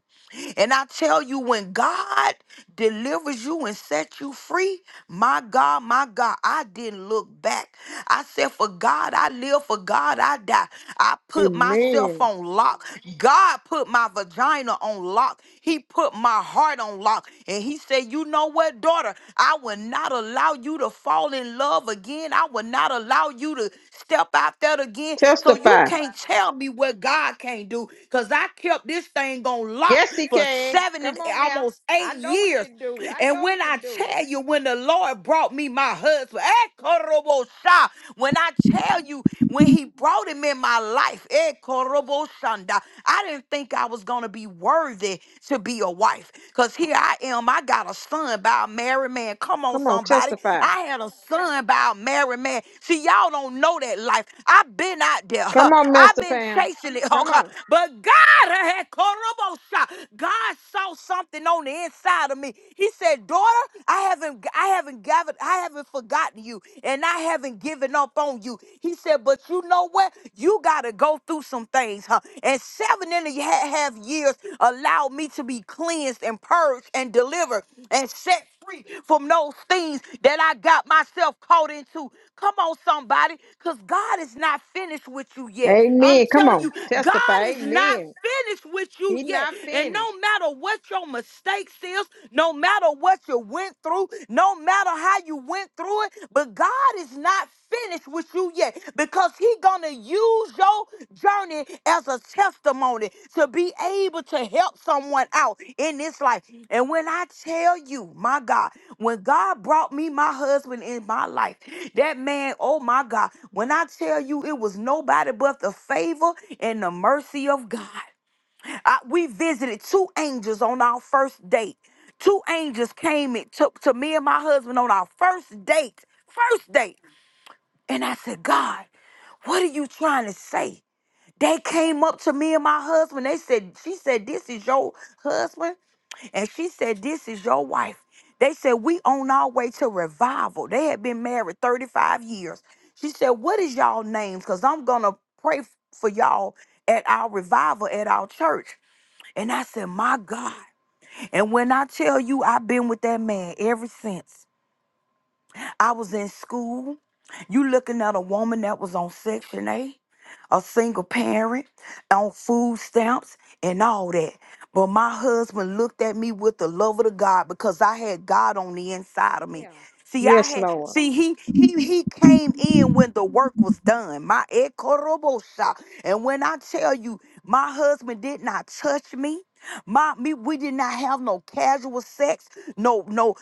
Speaker 3: And I tell you, when God delivers you and sets you free, my God, my God, I didn't look back. I said, For God, I live, for God, I die. I put myself
Speaker 1: Amen.
Speaker 3: on lock. God put my vagina on lock. He put my heart on lock. And He said, You know what, daughter? I will not allow you to fall in love again. I will not allow you to step out there again. So you
Speaker 1: Testify.
Speaker 3: can't tell me what God can't do because I kept this thing on lock
Speaker 1: Yes, he
Speaker 3: for
Speaker 1: can.
Speaker 3: seven and
Speaker 1: Come on now.
Speaker 3: almost
Speaker 1: I
Speaker 3: eight
Speaker 1: know he
Speaker 3: years.
Speaker 1: can do it. I
Speaker 3: And
Speaker 1: know he
Speaker 3: when I
Speaker 1: can do it.
Speaker 3: tell you, when the Lord brought me my husband, eh, korobosha, when I tell you, when He brought him in my life, eh, koroboshanda, I didn't think I was going to be worthy to be a wife. Because here I am, I got a son by a married man. Come on,
Speaker 1: Come on,
Speaker 3: somebody.
Speaker 1: testify.
Speaker 3: I had a son by a married man. See, y'all don't know that life. I've been out there, huh?
Speaker 1: Come on,
Speaker 3: I've
Speaker 1: Mr.
Speaker 3: been
Speaker 1: Pam.
Speaker 3: chasing it,
Speaker 1: Come
Speaker 3: okay?
Speaker 1: on.
Speaker 3: But God, eh, korobosha, God saw something something on the inside of me. He said, "Daughter, I haven't I haven't gathered I haven't forgotten you and I haven't given up on you." He said, "But you know what? You got to go through some things, huh? And seven and a ha- half years allowed me to be cleansed and purged and delivered and set free from those things that I got myself caught into. Come on, somebody, because God is not finished with you yet. I'm
Speaker 1: Amen. Come
Speaker 3: telling
Speaker 1: on.
Speaker 3: you, God
Speaker 1: Testify.
Speaker 3: is not
Speaker 1: Amen.
Speaker 3: finished with you
Speaker 1: He's
Speaker 3: yet.
Speaker 1: not
Speaker 3: And
Speaker 1: finished.
Speaker 3: no matter what your mistakes is, no matter what you went through, no matter how you went through it, but God is not finished with you you yet because he gonna use your journey as a testimony to be able to help someone out in this life and when i tell you my god when god brought me my husband in my life that man oh my god when i tell you it was nobody but the favor and the mercy of god I- we visited two angels on our first date two angels came and took to me and my husband on our first date first date and i said god what are you trying to say? They came up to me and my husband. They said, she said, this is your husband. And she said, this is your wife. They said, we on our way to revival. They had been married 35 years. She said, what is y'all names? Because I'm going to pray f- for y'all at our revival at our church. And I said, my God. And when I tell you, I've been with that man ever since. I was in school. You looking at a woman that was on Section 8, a single parent, on food stamps, and all that. But my husband looked at me with the love of the God because I had God on the inside of me.
Speaker 1: Yeah.
Speaker 3: See, I
Speaker 1: Yes,
Speaker 3: had
Speaker 1: Lord.
Speaker 3: see he he he came in when the work was done. My ekorobosha. And when I tell you, my husband did not touch me. My me, we did not have no casual sex no, no,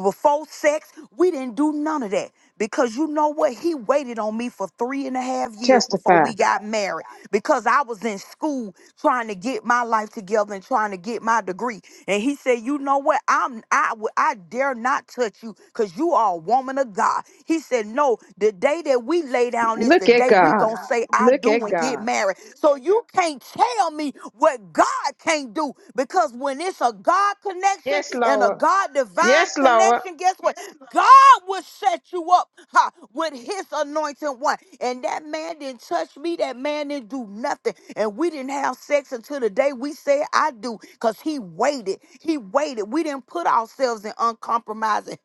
Speaker 3: before sex. We didn't do none of that because you know what? He waited on me for three and a half years before
Speaker 1: Testify.
Speaker 3: we got married because I was in school trying to get my life together and trying to get my degree. And he said, "You know what? I'm I w- I dare not touch you because you are a woman of God." He said, "No, the day that we lay down is the
Speaker 1: Look at
Speaker 3: day we
Speaker 1: God.
Speaker 3: gonna say I
Speaker 1: Look
Speaker 3: do
Speaker 1: at
Speaker 3: and get
Speaker 1: God.
Speaker 3: married." So you can't tell me what God can't do because when it's a God connection
Speaker 1: Yes,
Speaker 3: and a God
Speaker 1: Lord.
Speaker 3: God divine
Speaker 1: Yes, Lord.
Speaker 3: connection, guess what? God will set you up ha, with his anointed one. And that man didn't touch me. That man didn't do nothing. And we didn't have sex until the day we said I do. Because he waited. He waited. We didn't put ourselves in uncompromising.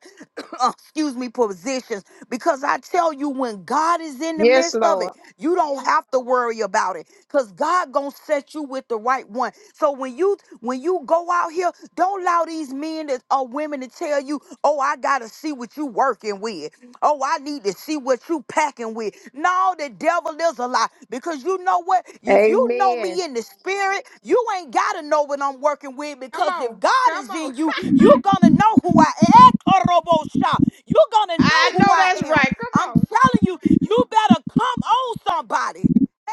Speaker 3: uh, excuse me, positions. Because I tell you, when God is in the
Speaker 1: Yes,
Speaker 3: midst of
Speaker 1: Lord.
Speaker 3: it, you don't have to worry about it. Because God gonna set you with the right one. So when you when you go out here, don't allow these men that or women to tell you, oh, I gotta see what you working with. Oh, I need to see what you packing with. No, the devil is a lie. Because you know what? If you know
Speaker 1: Amen.
Speaker 3: me in the spirit, you ain't gotta know what I'm working with.
Speaker 1: Come
Speaker 3: Because if
Speaker 1: on.
Speaker 3: God
Speaker 1: Come
Speaker 3: is
Speaker 1: on.
Speaker 3: in you, you're gonna know who I am. Ekorobosha. You're gonna know
Speaker 1: I
Speaker 3: who
Speaker 1: know
Speaker 3: I
Speaker 1: that's
Speaker 3: am.
Speaker 1: right. Come
Speaker 3: I'm
Speaker 1: on.
Speaker 3: telling you, you better come on somebody.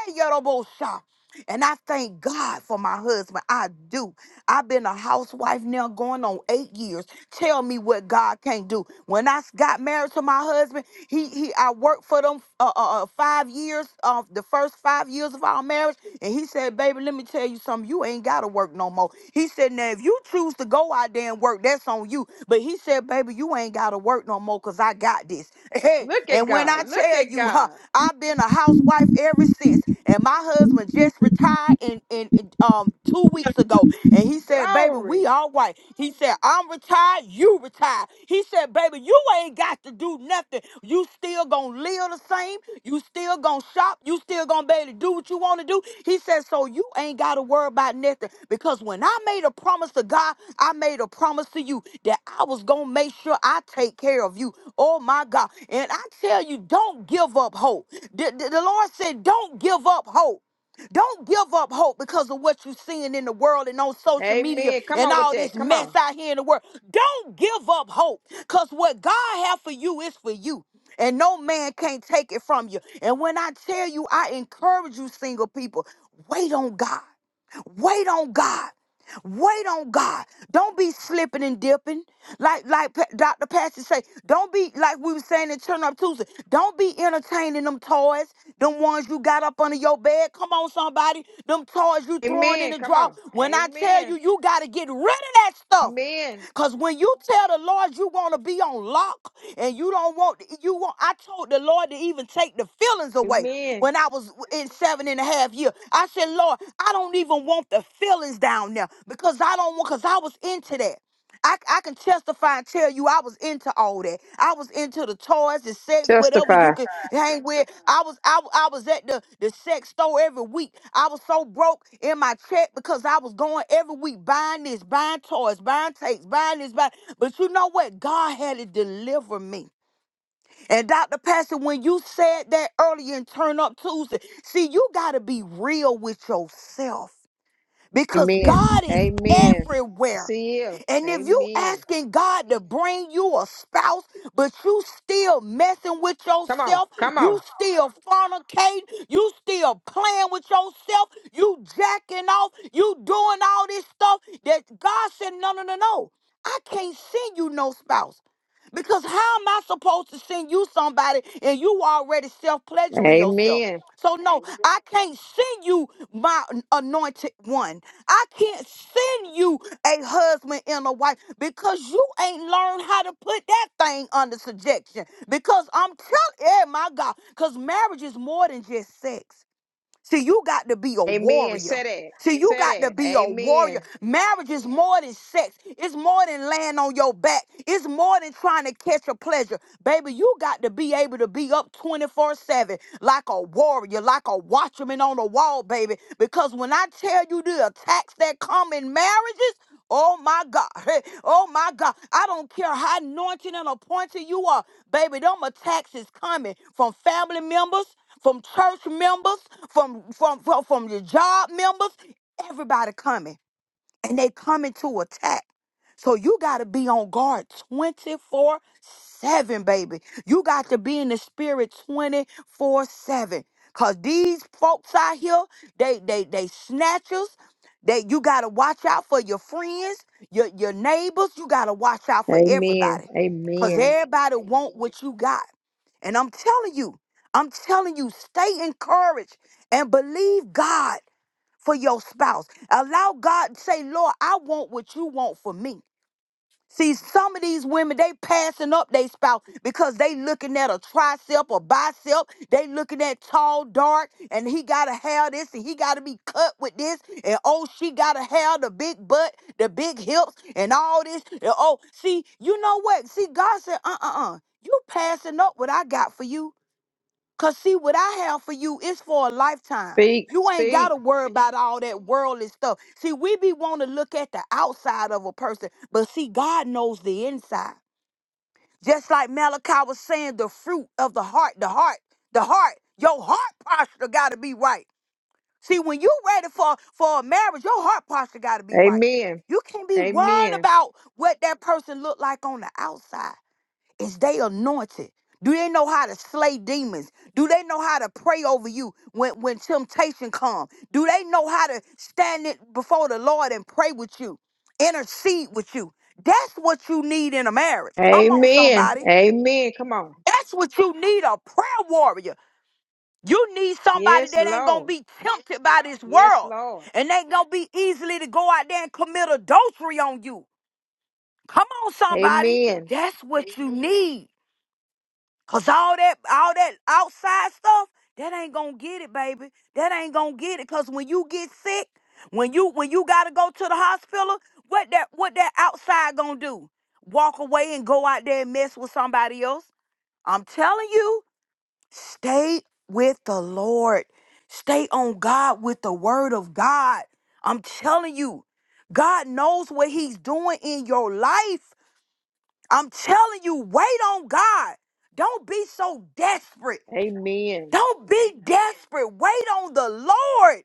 Speaker 3: Hey, Yorobosha. And I thank God for my husband. I do. I've been a housewife now going on eight years. Tell me what God can't do. When I got married to my husband, he he I worked for them uh, uh, uh, five years, uh, the first five years of our marriage, and he said, "Baby, let me tell you something. You ain't gotta work no more." He said, "Now if you choose to go out there and work, that's on you." But he said, "Baby, you ain't gotta work no more, cause I got this." Hey,
Speaker 1: Look at
Speaker 3: and when
Speaker 1: God.
Speaker 3: I
Speaker 1: Look
Speaker 3: tell
Speaker 1: at
Speaker 3: you, huh,
Speaker 1: God.
Speaker 3: I've been a housewife ever since, and my husband just retired in in in, um two weeks ago, and he said, baby, we
Speaker 1: Glory.
Speaker 3: all white. He said, I'm retired, you retired. He said, baby, you ain't got to do nothing. You still gonna live the same. You still gonna shop. You still gonna be able to do what you wanna do. He said, so you ain't gotta worry about nothing. Because when I made a promise to God, I made a promise to you that I was gonna make sure I take care of you. Oh my God. And I tell you, don't give up hope. The, the the Lord said, don't give up hope. Don't give up hope because of what you're seeing in the world and on social media
Speaker 1: Amen. Come
Speaker 3: and
Speaker 1: on with
Speaker 3: all
Speaker 1: that.
Speaker 3: this
Speaker 1: Come
Speaker 3: mess
Speaker 1: on.
Speaker 3: out here in the world. Don't give up hope because what God has for you is for you. And no man can't take it from you. And when I tell you, I encourage you, single people, wait on God. Wait on God. Wait on God. Don't be slipping and dipping. Like like Pa- Dr. Pastor say, don't be like we were saying in Turn Up Tuesday. Don't be entertaining them toys, them ones you got up under your bed. Come on, somebody. Them toys you throwing in
Speaker 1: Amen.
Speaker 3: the
Speaker 1: Come
Speaker 3: drawer.
Speaker 1: on.
Speaker 3: When I tell you,
Speaker 1: Amen.
Speaker 3: you gotta get rid of that stuff.
Speaker 1: Amen.
Speaker 3: Cause when you tell the Lord you want to be on lock and you don't want you want, I told the Lord to even take the feelings away
Speaker 1: Amen.
Speaker 3: when I was in seven and a half years. I said, Lord, I don't even want the feelings down there because I don't want because I was into that. I, I can testify and tell you I was into all that. I was into the toys, the sex, whatever you
Speaker 1: Testify.
Speaker 3: could hang with. I was I, w- I was at the, the sex store every week. I was so broke in my check because I was going every week buying this, buying toys, buying tapes, buying this, buying. But you know what? God had to deliver me. And Dr. Pastor, when you said that earlier in Turn Up Tuesday, see, you got to be real with yourself because
Speaker 1: Amen.
Speaker 3: God is
Speaker 1: Amen.
Speaker 3: everywhere.
Speaker 1: See you.
Speaker 3: And if you
Speaker 1: Amen.
Speaker 3: asking God to bring you a spouse, but you still messing with
Speaker 1: Come on.
Speaker 3: yourself,
Speaker 1: Come on.
Speaker 3: you still fornicating, you still playing with yourself, you jacking off, you doing all this stuff that God said, no, no, no, no. I can't send you no spouse. Because how am I supposed to send you somebody and you already self-pleasuring yourself?
Speaker 1: Amen.
Speaker 3: So no, I can't send you my anointed one. I can't send you a husband and a wife because you ain't learned how to put that thing under subjection. Because I'm telling, yeah, my God, because marriage is more than just sex. See, you got to be a
Speaker 1: Amen.
Speaker 3: warrior.
Speaker 1: Say that.
Speaker 3: See, you got to
Speaker 1: Say that.
Speaker 3: be a warrior.
Speaker 1: Amen.
Speaker 3: Marriage is more than sex. It's more than laying on your back. It's more than trying to catch a pleasure. Baby, you got to be able to be up 24 7 like a warrior, like a watchman on the wall, baby. Because when I tell you the attacks that come in marriages, Oh my God. Hey, Oh my God. I don't care how anointed and appointed you are. Baby, them attacks is coming from family members, from church members from from from, from your job members, everybody coming and they coming to attack. So you got to be on guard 24 7, baby. You got to be in the spirit 24 7. Cause these folks out here, they they they snatchers. They you gotta watch out for your friends, your your neighbors. You gotta watch out for
Speaker 1: Amen.
Speaker 3: everybody. Cause
Speaker 1: Amen.
Speaker 3: everybody want what you got. And I'm telling you, I'm telling you, stay encouraged and believe God for your spouse. Allow God to say, Lord, I want what you want for me. See, some of these women, they passing up their spouse because they looking at a tricep or bicep. They looking at tall, dark, and he got to have this and he got to be cut with this. And oh, she got to have the big butt, the big hips, and all this. And oh, see, you know what? See, God said, uh-uh-uh. You passing up what I got for you Cause see, what I have for you is for a lifetime.
Speaker 1: Speak.
Speaker 3: You ain't
Speaker 1: Speak.
Speaker 3: gotta worry about all that worldly stuff. See, we be want to look at the outside of a person, but see, God knows the inside. Just like Malachi was saying, the fruit of the heart, the heart, the heart, your heart posture gotta be right. See, when you ready for for a marriage, your heart posture gotta be right.
Speaker 1: Amen.
Speaker 3: You can't be worrying
Speaker 1: Amen.
Speaker 3: about what that person look like on the outside. Is they anointed? Do they know how to slay demons? Do they know how to pray over you when, when temptation comes? Do they know how to stand it before the Lord and pray with you, intercede with you? That's what you need in a marriage. Come on,
Speaker 1: Amen.
Speaker 3: somebody.
Speaker 1: Amen. Come on.
Speaker 3: That's what you need a prayer warrior. You need somebody
Speaker 1: Yes,
Speaker 3: that ain't gonna
Speaker 1: Lord.
Speaker 3: be tempted by this
Speaker 1: Yes,
Speaker 3: world
Speaker 1: Lord.
Speaker 3: and ain't gonna be easily to go out there and commit adultery on you. Come on, somebody.
Speaker 1: Amen.
Speaker 3: That's what you need. Cause all that all that outside stuff, that ain't gonna get it, baby. That ain't gonna get it. Cause when you get sick, when you when you gotta go to the hospital, what that what that outside gonna do? Walk away and go out there and mess with somebody else. I'm telling you, stay with the Lord. Stay on God with the word of God. I'm telling you, God knows what He's doing in your life. I'm telling you, wait on God. Don't be so desperate.
Speaker 1: Amen.
Speaker 3: Don't be desperate. Wait on the Lord.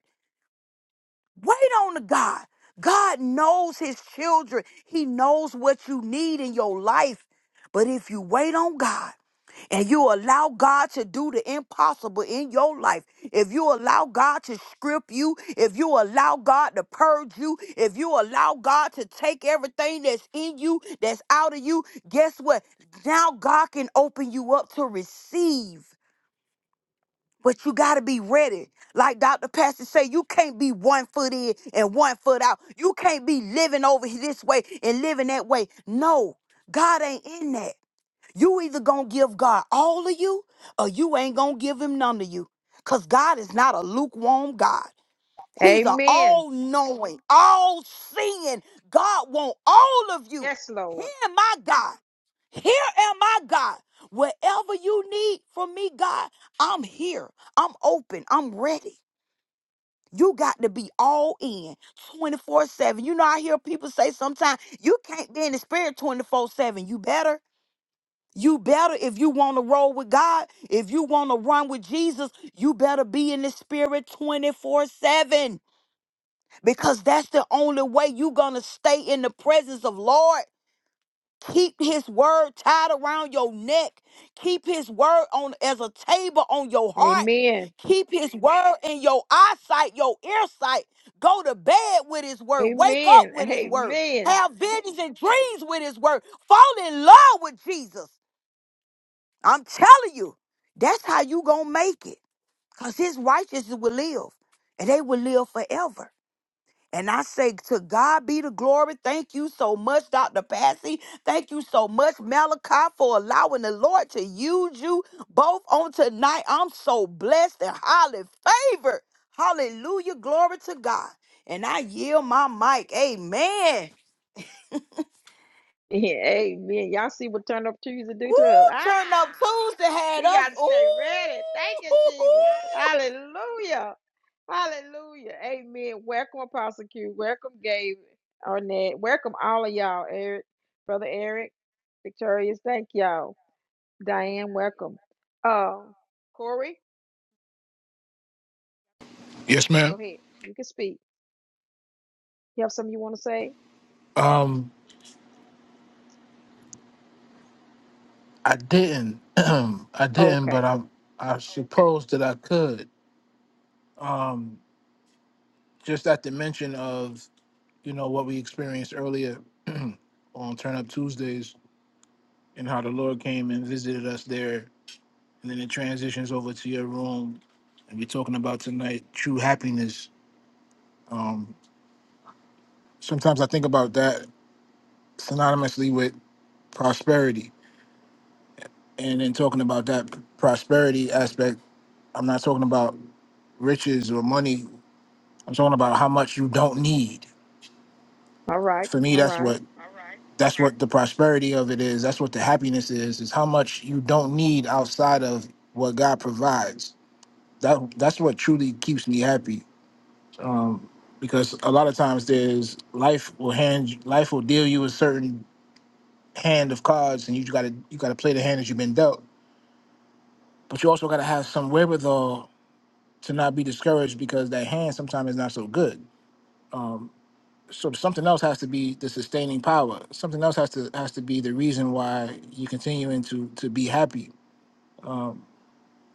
Speaker 3: Wait on the God. God knows his children. He knows what you need in your life. But if you wait on God, and you allow God to do the impossible in your life, if you allow God to strip you, if you allow God to purge you, if you allow God to take everything that's in you, that's out of you, guess what? Now God can open you up to receive. But you gotta be ready. Like Dr. Pastor say, you can't be one foot in and one foot out. You can't be living over this way and living that way. No, God ain't in that. You either gonna give God all of you, or you ain't gonna give him none of you. Cause God is not a lukewarm God. He's an
Speaker 1: Amen.
Speaker 3: all-knowing, all-seeing God. Want all of you.
Speaker 1: Yes,
Speaker 3: Here
Speaker 1: Lord.
Speaker 3: am I, God. Here am I, God. Whatever you need from me, God, I'm here. I'm open. I'm ready. You got to be all in 24 7. You know, I hear people say sometimes, you can't be in the spirit 24 7. You better. You better, if you want to roll with God, if you want to run with Jesus, you better be in the spirit 24 7 because that's the only way you're going to stay in the presence of Lord. Keep his word tied around your neck. Keep his word on as a table on your heart.
Speaker 1: Amen.
Speaker 3: Keep his word in your eyesight, your ear sight. Go to bed with his word. Wake up
Speaker 1: Amen.
Speaker 3: with his word.
Speaker 1: Amen.
Speaker 3: Have visions and dreams with his word. Fall in love with Jesus. I'm telling you, that's how you gonna make it. Cause his righteousness will live. And they will live forever. And I say, to God be the glory. Thank you so much, Dr. Passy. Thank you so much, Malachi, for allowing the Lord to use you both on tonight. I'm so blessed and highly favored. Hallelujah. Glory to God. And I yield my mic. Amen.
Speaker 1: Amen. Y'all see what Turn Up Tuesday do
Speaker 3: Woo!
Speaker 1: to us? Ah,
Speaker 3: Turn up Tuesday had
Speaker 1: we
Speaker 3: us.
Speaker 1: got to stay ready. Thank you, Jesus.
Speaker 3: Ooh!
Speaker 1: Hallelujah. Hallelujah. Amen. Welcome, Apostle Q. Welcome, Gabe, Arnett. Welcome, all of y'all. Eric, Brother Eric, Victorious. Thank y'all. Diane, welcome. Uh, Corey,
Speaker 6: Yes,
Speaker 1: go
Speaker 6: ma'am.
Speaker 1: ahead. You can speak. You have something you want to say?
Speaker 6: Um, I didn't. I
Speaker 1: Okay.
Speaker 6: didn't, but I I suppose that I could. Um, just at the mention of you know what we experienced earlier on Turn Up Tuesdays and how the Lord came and visited us there, and then it transitions over to your room, and we're talking about tonight true happiness. Um, sometimes I think about that synonymously with prosperity, and then talking about that prosperity aspect I'm not talking about riches or money. I'm talking about how much you don't need.
Speaker 1: All right.
Speaker 6: For me,
Speaker 1: All
Speaker 6: that's
Speaker 1: right.
Speaker 6: what that's what the prosperity of it is. That's what the happiness is. Is how much you don't need outside of what God provides. That that's what truly keeps me happy. Um, because a lot of times there's life will hand life will deal you a certain hand of cards, and you got to you got to play the hand that you've been dealt. But you also got to have some wherewithal to not be discouraged because that hand sometimes is not so good Um, so something else has to be the sustaining power. Something else has to has to be the reason why you continuing to to be happy. Um,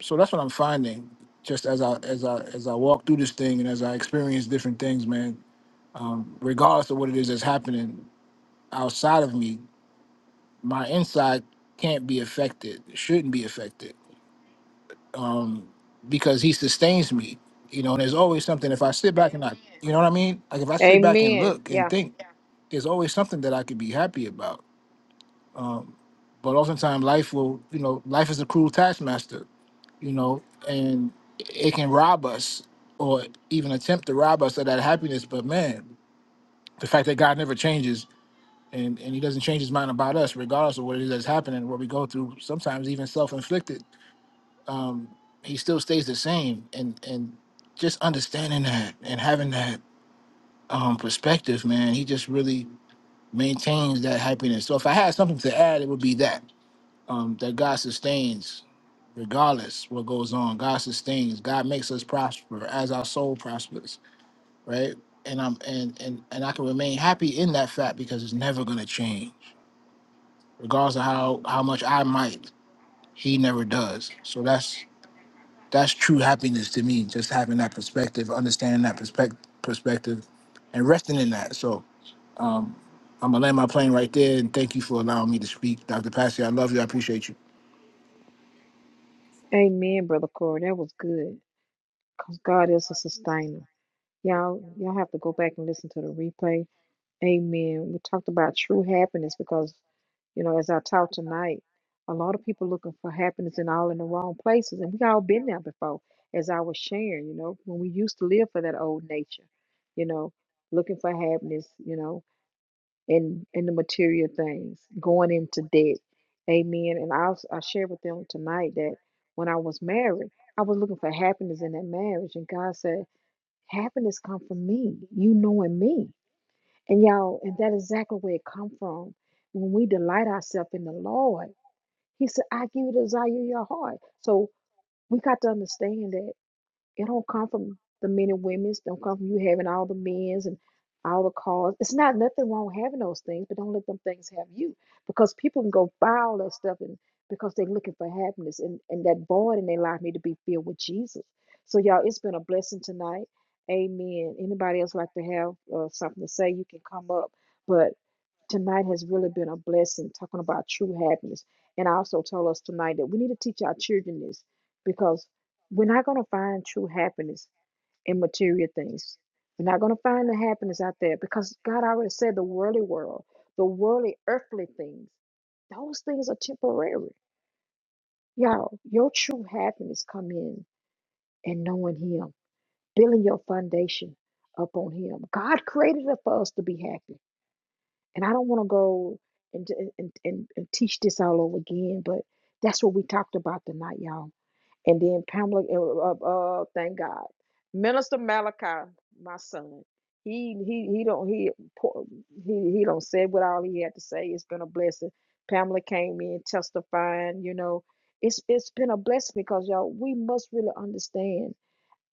Speaker 6: so that's what I'm finding. Just as I as I as I walk through this thing and as I experience different things, man. Um, regardless of what it is that's happening outside of me, my inside can't be affected. Shouldn't be affected um, because he sustains me. You know, and there's always something. If I sit back and I, you know what I mean? Like if I sit back and
Speaker 1: Amen.
Speaker 6: look and
Speaker 1: Yeah.
Speaker 6: think, there's always something that I could be happy about. Um, but oftentimes life will, you know, life is a cruel taskmaster, you know, and it can rob us or even attempt to rob us of that happiness. But man, the fact that God never changes and, and he doesn't change his mind about us, regardless of what it is that's happening, what we go through, sometimes even self-inflicted um, he still stays the same. And and just understanding that and having that um, perspective, man, he just really maintains that happiness. So if I had something to add, it would be that um, that God sustains regardless what goes on. God sustains. God makes us prosper as our soul prospers, right? And I'm and and and I can remain happy in that fact because it's never gonna change, regardless of how how much I might. He never does. So that's that's true happiness to me. Just having that perspective, understanding that perspective, perspective, and resting in that. So um, I'm gonna land my plane right there. And thank you for allowing me to speak, Dr. Passy. I love you. I appreciate you.
Speaker 1: Amen, Brother Corey. That was good. Because God is a sustainer. Y'all, y'all have to go back and listen to the replay. Amen. We talked about true happiness because, you know, as I taught tonight, a lot of people looking for happiness in all in the wrong places. And we all been there before, as I was sharing, you know, when we used to live for that old nature, you know, looking for happiness, you know. in in the material things, going into debt. Amen. And I I shared with them tonight that when I was married, I was looking for happiness in that marriage, and God said, "Happiness come from me, you knowing me." And y'all, and that exactly where it come from. When we delight ourselves in the Lord, He said, "I give you the desire of your heart." So we got to understand that. It don't come from the men and women's. Don't come from you having all the men's and all the cars. It's not nothing wrong having those things, but don't let them things have you. Because people can go buy all that stuff and because they're looking for happiness and, and that void in their life need to be filled with Jesus. So y'all, it's been a blessing tonight. Amen. Anybody else like to have uh, something to say? You can come up. But tonight has really been a blessing talking about true happiness. And I also told us tonight that we need to teach our children this because. We're not going to find true happiness in material things. We're not going to find the happiness out there because God already said the worldly world, the worldly earthly things, those things are temporary. Y'all, your true happiness come in and knowing him, building your foundation upon him. God created it for us to be happy. And I don't want to go and, and, and, and teach this all over again, but that's what we talked about tonight, y'all And then Pamela, uh, uh, uh, thank God, Minister Malachi, my son, he he he don't he po- he he don't said what all he had to say. It's been a blessing. Pamela came in testifying. You know, it's it's been a blessing because y'all we must really understand.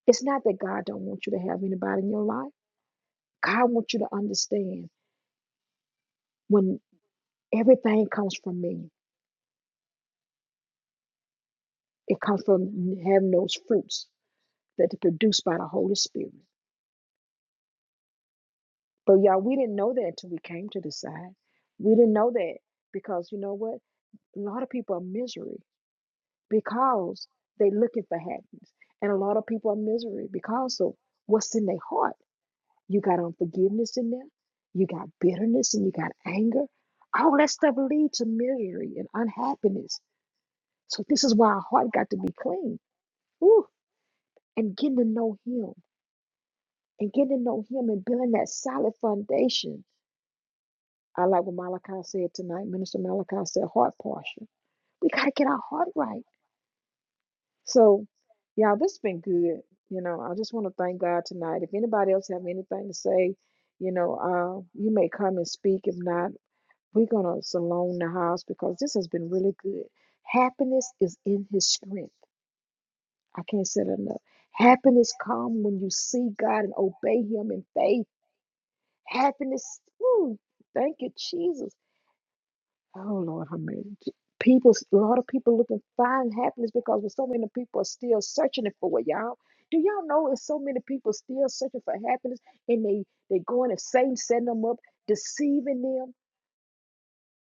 Speaker 1: It's not that God don't want you to have anybody in your life. God wants you to understand when everything comes from me. It comes from having those fruits that are produced by the Holy Spirit. But y'all, we didn't know that until we came to the side. We didn't know that because you know what? A lot of people are misery because they are looking for happiness. And a lot of people are misery because of what's in their heart. You got unforgiveness in there, you got bitterness and you got anger. All that stuff leads to misery and unhappiness. So this is why our heart got to be clean. Woo! And getting to know him and getting to know him and building that solid foundation I like what Malachi said tonight. Minister Malachi said heart posture. We got to get our heart right. So, y'all, this has been good. You know, I just want to thank God tonight. If anybody else have anything to say, you know, uh, you may come and speak. If not, we're gonna salon the house because this has been really good. Happiness is in His strength. I can't say that enough. Happiness come when you see God and obey Him in faith. Happiness. Ooh, thank you, Jesus. Oh Lord, how many people? A lot of people looking find happiness because so many people are still searching it for it, y'all. Do y'all know it's so many people still searching for happiness and they they going and Satan setting them up, deceiving them.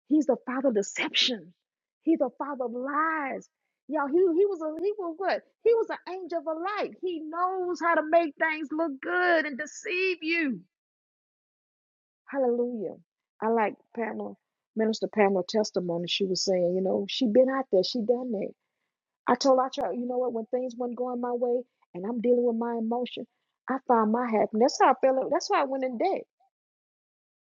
Speaker 1: He's the father of deception. He's the father of lies. Y'all, he he was a he was what? He was an angel of light. He knows how to make things look good and deceive you. Hallelujah. I like Pamela, Minister Pamela testimony. She was saying, you know, she been out there, she done that. I told our child, you know what, when things wasn't going my way and I'm dealing with my emotion, I found my happiness. That's how I felt. That's why I went in debt.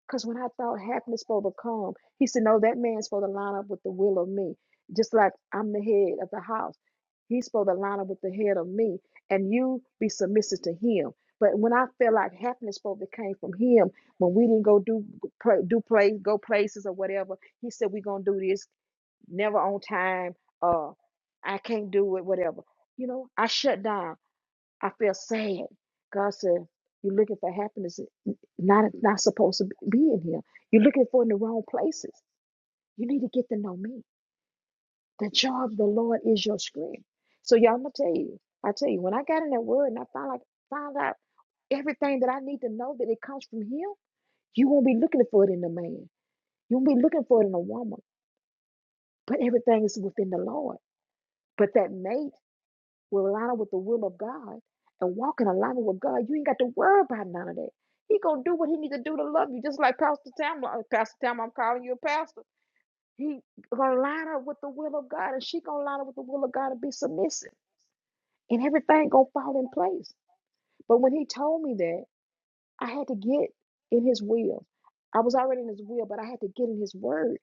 Speaker 1: Because when I thought happiness supposed to come, he said, No, that man's supposed to line up with the will of me. Just like I'm the head of the house. He's supposed to line up with the head of me. And you be submissive to him. But when I felt like happiness supposed to came from him, when we didn't go do play, do play go places or whatever, he said we're gonna do this, never on time, uh I can't do it, whatever. You know, I shut down. I feel sad. God said, You're looking for happiness. It's Not not supposed to be in here. You're looking for it in the wrong places. You need to get to know me. The joy of the Lord is your strength. So y'all, I'm gonna tell you. I tell you, when I got in that word and I found like found out everything that I need to know that it comes from Him, you won't be looking for it in the man. You won't be looking for it in a woman. But everything is within the Lord. But that mate will align up with the will of God and walk in alignment with God, you ain't got to worry about none of that. He gonna do what he need to do to love you, just like Pastor Tamla. uh, Pastor Tamla, I'm calling you a pastor. He gonna line up with the will of God, and she gonna line up with the will of God and be submissive, and everything gonna fall in place. But when he told me that, I had to get in his will. I was already in his will, but I had to get in his word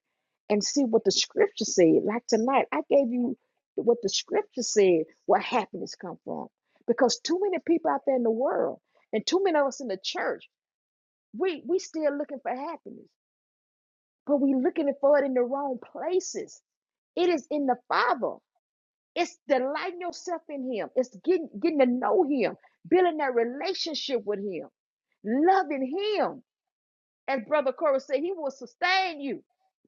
Speaker 1: and see what the scripture said. Like tonight, I gave you what the scripture said, where happiness come from. Because too many people out there in the world, and too many of us in the church, we we still looking for happiness, but we looking for it in the wrong places. It is in the Father. It's delighting yourself in Him. It's getting getting to know Him, building that relationship with Him, loving Him. As Brother Corey said, he will sustain you.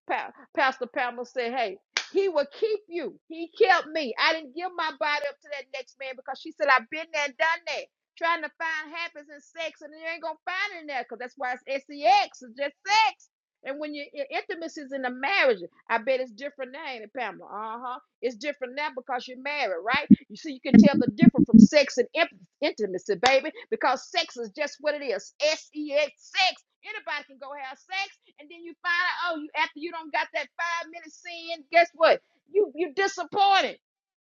Speaker 1: Pa- Pastor Pamela said, hey, he will keep you. He kept me. I didn't give my body up to that next man because she said, I've been there and done that. Trying to find happiness in sex, and you ain't gonna find it in there because that's why it's sex. It's just sex. And when your intimacy is in the marriage, I bet it's different now, ain't it, Pamela? Uh huh. It's different now because you're married, right? You see, you can tell the difference from sex and imp- intimacy, baby, because sex is just what it is. S E X, sex. Anybody can go have sex, and then you find out, oh, you after you don't got that five minute sin, guess what? You you disappointed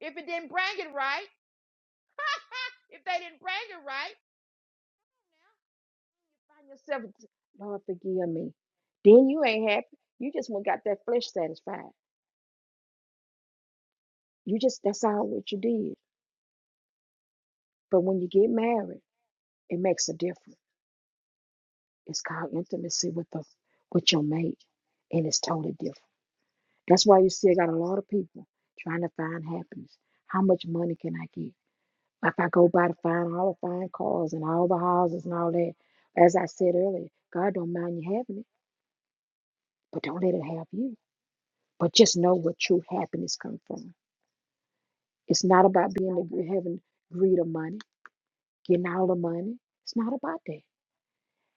Speaker 1: if it didn't bring it right. if they didn't bring it right, now you find yourself, Lord, forgive me. Then you ain't happy. You just went got that flesh satisfied. You just that's all what you did. But when you get married, it makes a difference. It's called intimacy with the with your mate, and it's totally different. That's why you see I got a lot of people trying to find happiness. How much money can I get? If I go by to find all the fine cars and all the houses and all that, as I said earlier, God don't mind you having it, but don't let it have you. But just know where true happiness comes from. It's not about being the, gre- having greed of money, getting all the money. It's not about that.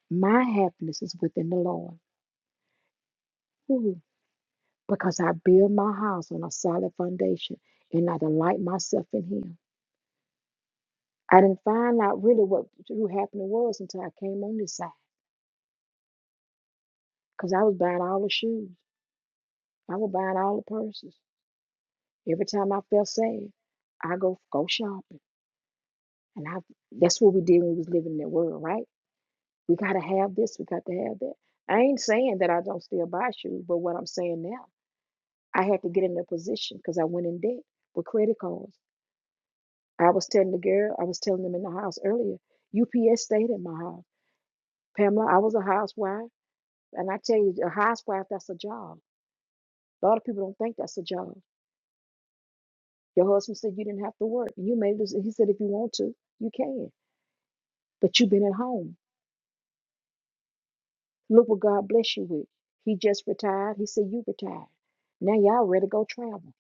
Speaker 1: My happiness is within the Lord. Woo. Because I build my house on a solid foundation and I delight myself in Him. I didn't find out really what true happening was until I came on this side. Because I was buying all the shoes. I was buying all the purses. Every time I felt sad, I go go shopping. And I that's what we did when we was living in that world, right? We gotta have this, we got to have that. I ain't saying that I don't still buy shoes, but what I'm saying now, I had to get in a position because I went in debt with credit cards. I was telling the girl, I was telling them in the house earlier, UPS stayed at my house. Pamela, I was a housewife. And I tell you, a housewife, that's a job. A lot of people don't think that's a job. Your husband said you didn't have to work. You may lose. He said, if you want to, you can. But you've been at home. Look what God bless you with. He just retired. He said, you retired. Now y'all ready to go travel.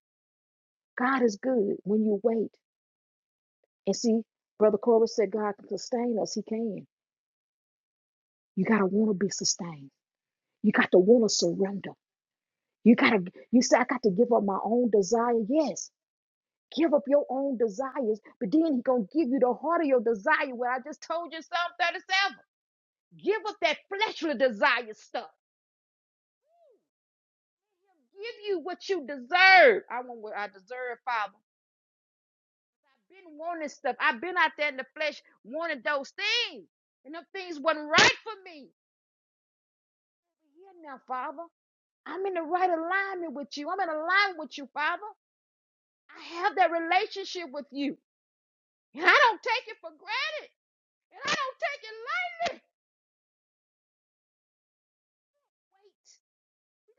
Speaker 1: God is good when you wait. And see, Brother Corbin said God can sustain us. He can. You got to want to be sustained. You got to want to surrender. You got to, you say, I got to give up my own desire. Yes. Give up your own desires, but then he gonna give you the heart of your desire. Well, I just told you Psalm 37. Give up that fleshly desire stuff. Give you what you deserve. I want what I deserve, Father. I've been wanting stuff. I've been out there in the flesh wanting those things. And them things wasn't right for me. Here now, Father. I'm in the right alignment with you. I'm in alignment with you, Father. I have that relationship with you. And I don't take it for granted. And I don't take it lightly.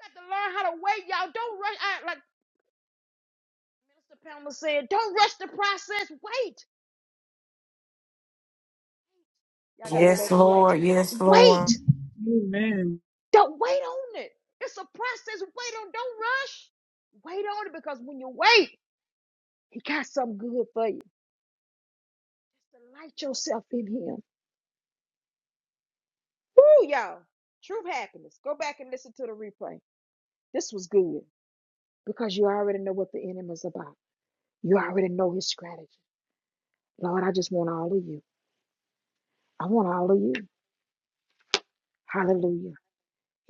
Speaker 1: You got to learn how to wait, y'all. Don't rush. I, like Minister Pamela said, don't rush the process. Wait. Y'all got to go
Speaker 3: Yes,
Speaker 1: back in here. T-
Speaker 3: Lord. Yes, Lord.
Speaker 1: wait.
Speaker 5: Amen.
Speaker 1: Don't wait on it. It's a process. Wait on. Don't rush. Wait on it because when you wait, he got something good for you. Just delight yourself in him. Woo, y'all. True happiness. Go back and listen to the replay. This was good because you already know what the enemy's about. You already know his strategy. Lord, I just want all of you. I want all of you. Hallelujah.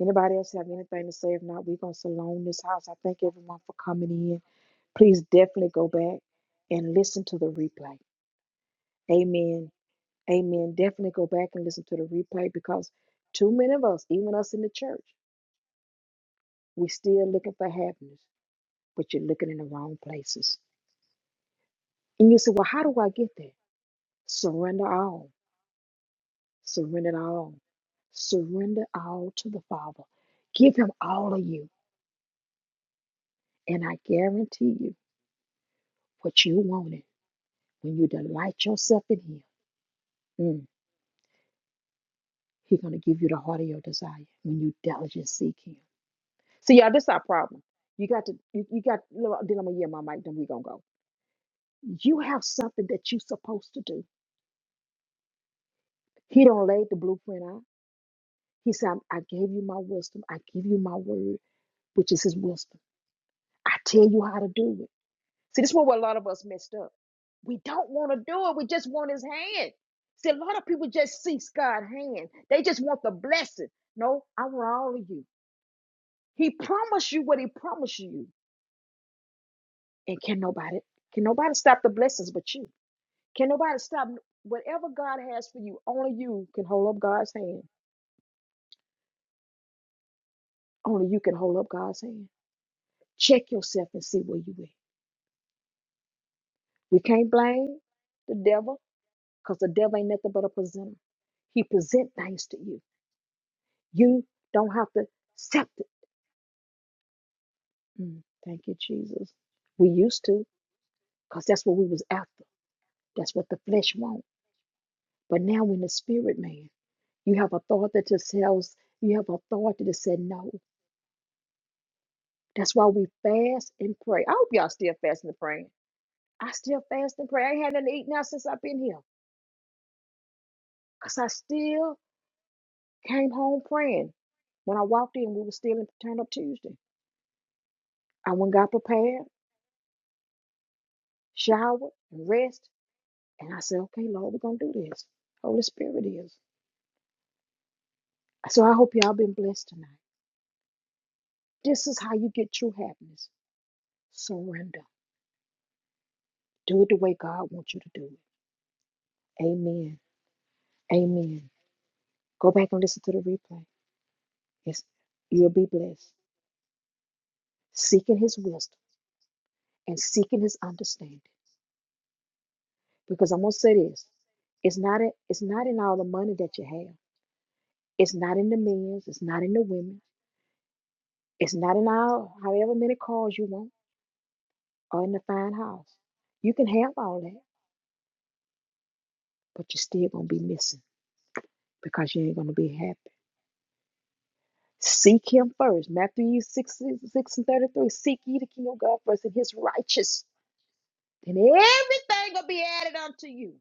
Speaker 1: Anybody else have anything to say? If not, we're gonna salon this house. I thank everyone for coming in. Please definitely go back and listen to the replay. Amen. Amen. Definitely go back and listen to the replay because too many of us, even us in the church, we still looking for happiness, but you're looking in the wrong places. And you say, Well, how do I get there? Surrender all. Surrender it all. Surrender all to the Father. Give him all of you. And I guarantee you what you wanted When you delight yourself in Him, mm, He's going to give you the heart of your desire when you diligently seek Him. See, y'all, this is our problem. You got to, you, you got, then I'm going to yell my mic, then we going to go. You have something that you supposed to do. He don't lay the blueprint out. He said, I I gave you my wisdom. I give you my word, which is His wisdom. I tell you how to do it. See, this is where a lot of us messed up. We don't want to do it. We just want His hand. See, a lot of people just seek God's hand. They just want the blessing. No, I want all of you. He promised you what he promised you. And can nobody can nobody stop the blessings but you? Can nobody stop whatever God has for you? Only you can hold up God's hand. Only you can hold up God's hand. Check yourself and see where you at. We can't blame the devil because the devil ain't nothing but a presenter. He present things to you. You don't have to accept it. Mm, thank you, Jesus. We used to because that's what we was after. That's what the flesh want. But now we're in the spirit, man. You have authority that tells you have authority to say no. That's why we fast and pray. I hope y'all still fasting and praying. I still fast and pray. I ain't had nothing to eat now since I've been here. Because I still came home praying. When I walked in, we were still in Turn Up Tuesday. I went and got prepared, showered, and rest. And I said, okay, Lord, we're going to do this. Holy Spirit is. So I hope y'all been blessed tonight. This is how you get true happiness. Surrender. Do it the way God wants you to do it. Amen. Amen. Go back and listen to the replay. Yes, you'll be blessed. Seeking his wisdom and seeking his understanding. Because I'm gonna say this. It's not in, it's not in all the money that you have. It's not in the men's, it's not in the women, it's not in all however many cars you want or in the fine house. You can have all that, but you're still gonna be missing because you ain't gonna be happy. Seek him first. Matthew 6, 6 and 33. Seek ye the kingdom of God first and his righteousness. And everything will be added unto you.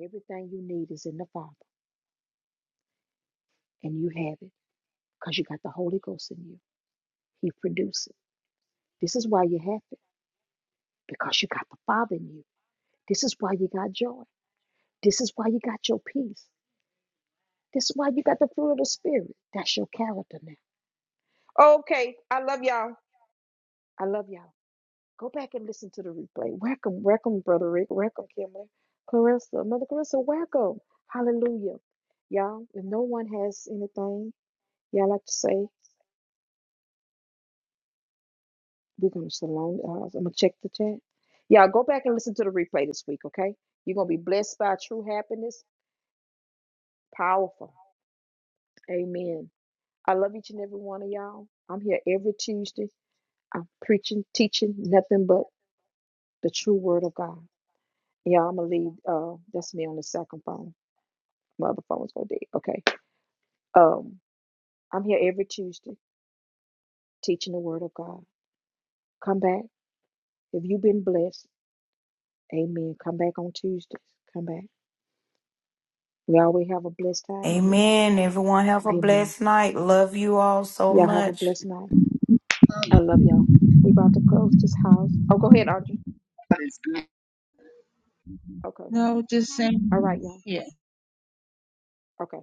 Speaker 1: Everything you need is in the Father, and you have it because you got the Holy Ghost in you. He produces. it. This is why you're happy because you got the Father in you. This is why you got joy. This is why you got your peace. This is why you got the fruit of the Spirit. That's your character now. Okay, I love y'all. I love y'all. Go back and listen to the replay. Welcome, welcome, Brother Rick. Welcome, Kimberly, Clarissa, Mother Clarissa. Welcome. Hallelujah. Y'all, if no one has anything y'all like to say, We're gonna salon the house. I'm gonna check the chat. Y'all go back and listen to the replay this week, okay? You're gonna be blessed by true happiness. Powerful. Amen. I love each and every one of y'all. I'm here every Tuesday. I'm preaching, teaching nothing but the true word of God. Yeah, I'm gonna leave. Uh, that's me on the second phone. My other phone's gonna dead. Okay. Um, I'm here every Tuesday teaching the word of God. Come back if you've been blessed. Amen. Come back on Tuesdays. Come back. We always have a blessed time here.
Speaker 3: Amen. Everyone have a
Speaker 1: Amen.
Speaker 3: blessed night. Love you all so
Speaker 1: Y'all have a
Speaker 3: much.
Speaker 1: blessed night. I love y'all. We about to close this house. Oh, go ahead, Audrey. Okay.
Speaker 5: No, just
Speaker 1: All right,
Speaker 5: saying.
Speaker 1: y'all. Okay.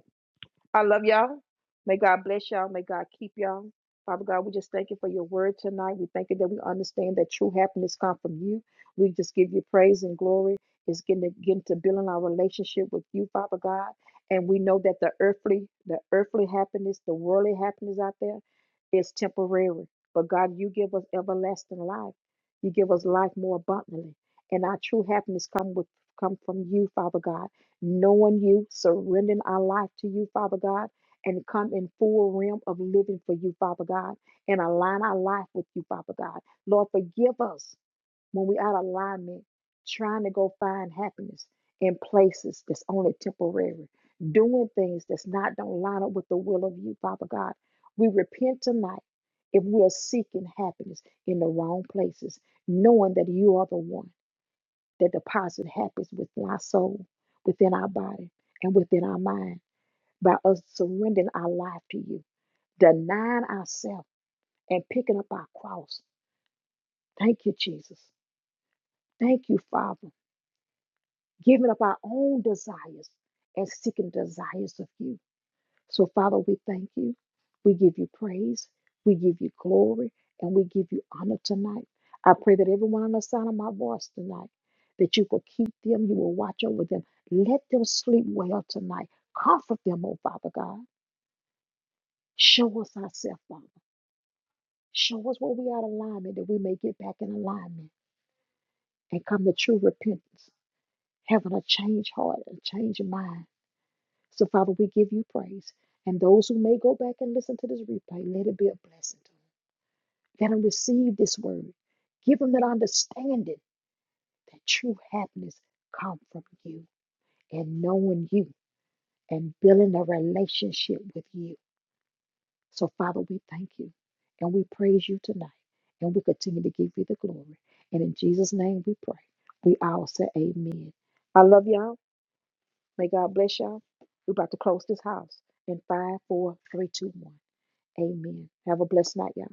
Speaker 1: I love y'all. May God bless y'all. May God keep y'all. Father God, we just thank you for your word tonight. We thank you that we understand that true happiness comes from you. We just give you praise and glory. It's getting to, getting to building our relationship with you, Father God. And we know that the earthly, the earthly happiness, the worldly happiness out there is temporary. But God, you give us everlasting life. You give us life more abundantly. And our true happiness come with come from you, Father God knowing you, surrendering our life to you, Father God, and come in full realm of living for you, Father God, and align our life with you, Father God. Lord, forgive us when we out of alignment, trying to go find happiness in places that's only temporary, doing things that's not don't line up with the will of you, Father God. We repent tonight if we are seeking happiness in the wrong places, knowing that you are the one that deposit happens within our soul, within our body, and within our mind by us surrendering our life to you, denying ourselves, and picking up our cross. Thank you, Jesus. Thank you, Father. Giving up our own desires and seeking desires of you. So, Father, we thank you. We give you praise. We give you glory. And we give you honor tonight. I pray that everyone on the sound of my voice tonight, that you will keep them, you will watch over them. Let them sleep well tonight. Comfort them, oh Father God. Show us ourselves, Father. Show us where we are in alignment, that we may get back in alignment and come to true repentance, having a changed heart, a changed mind. So, Father, we give you praise. And those who may go back and listen to this replay, let it be a blessing to them. that have received this word. Give them that understanding that true happiness comes from you and knowing you and building a relationship with you. So, Father, we thank you and we praise you tonight and we continue to give you the glory. And in Jesus' name we pray. We all say amen. I love y'all. May God bless y'all. We're about to close this house in five, four, three, two, one. Amen. Have a blessed night, y'all.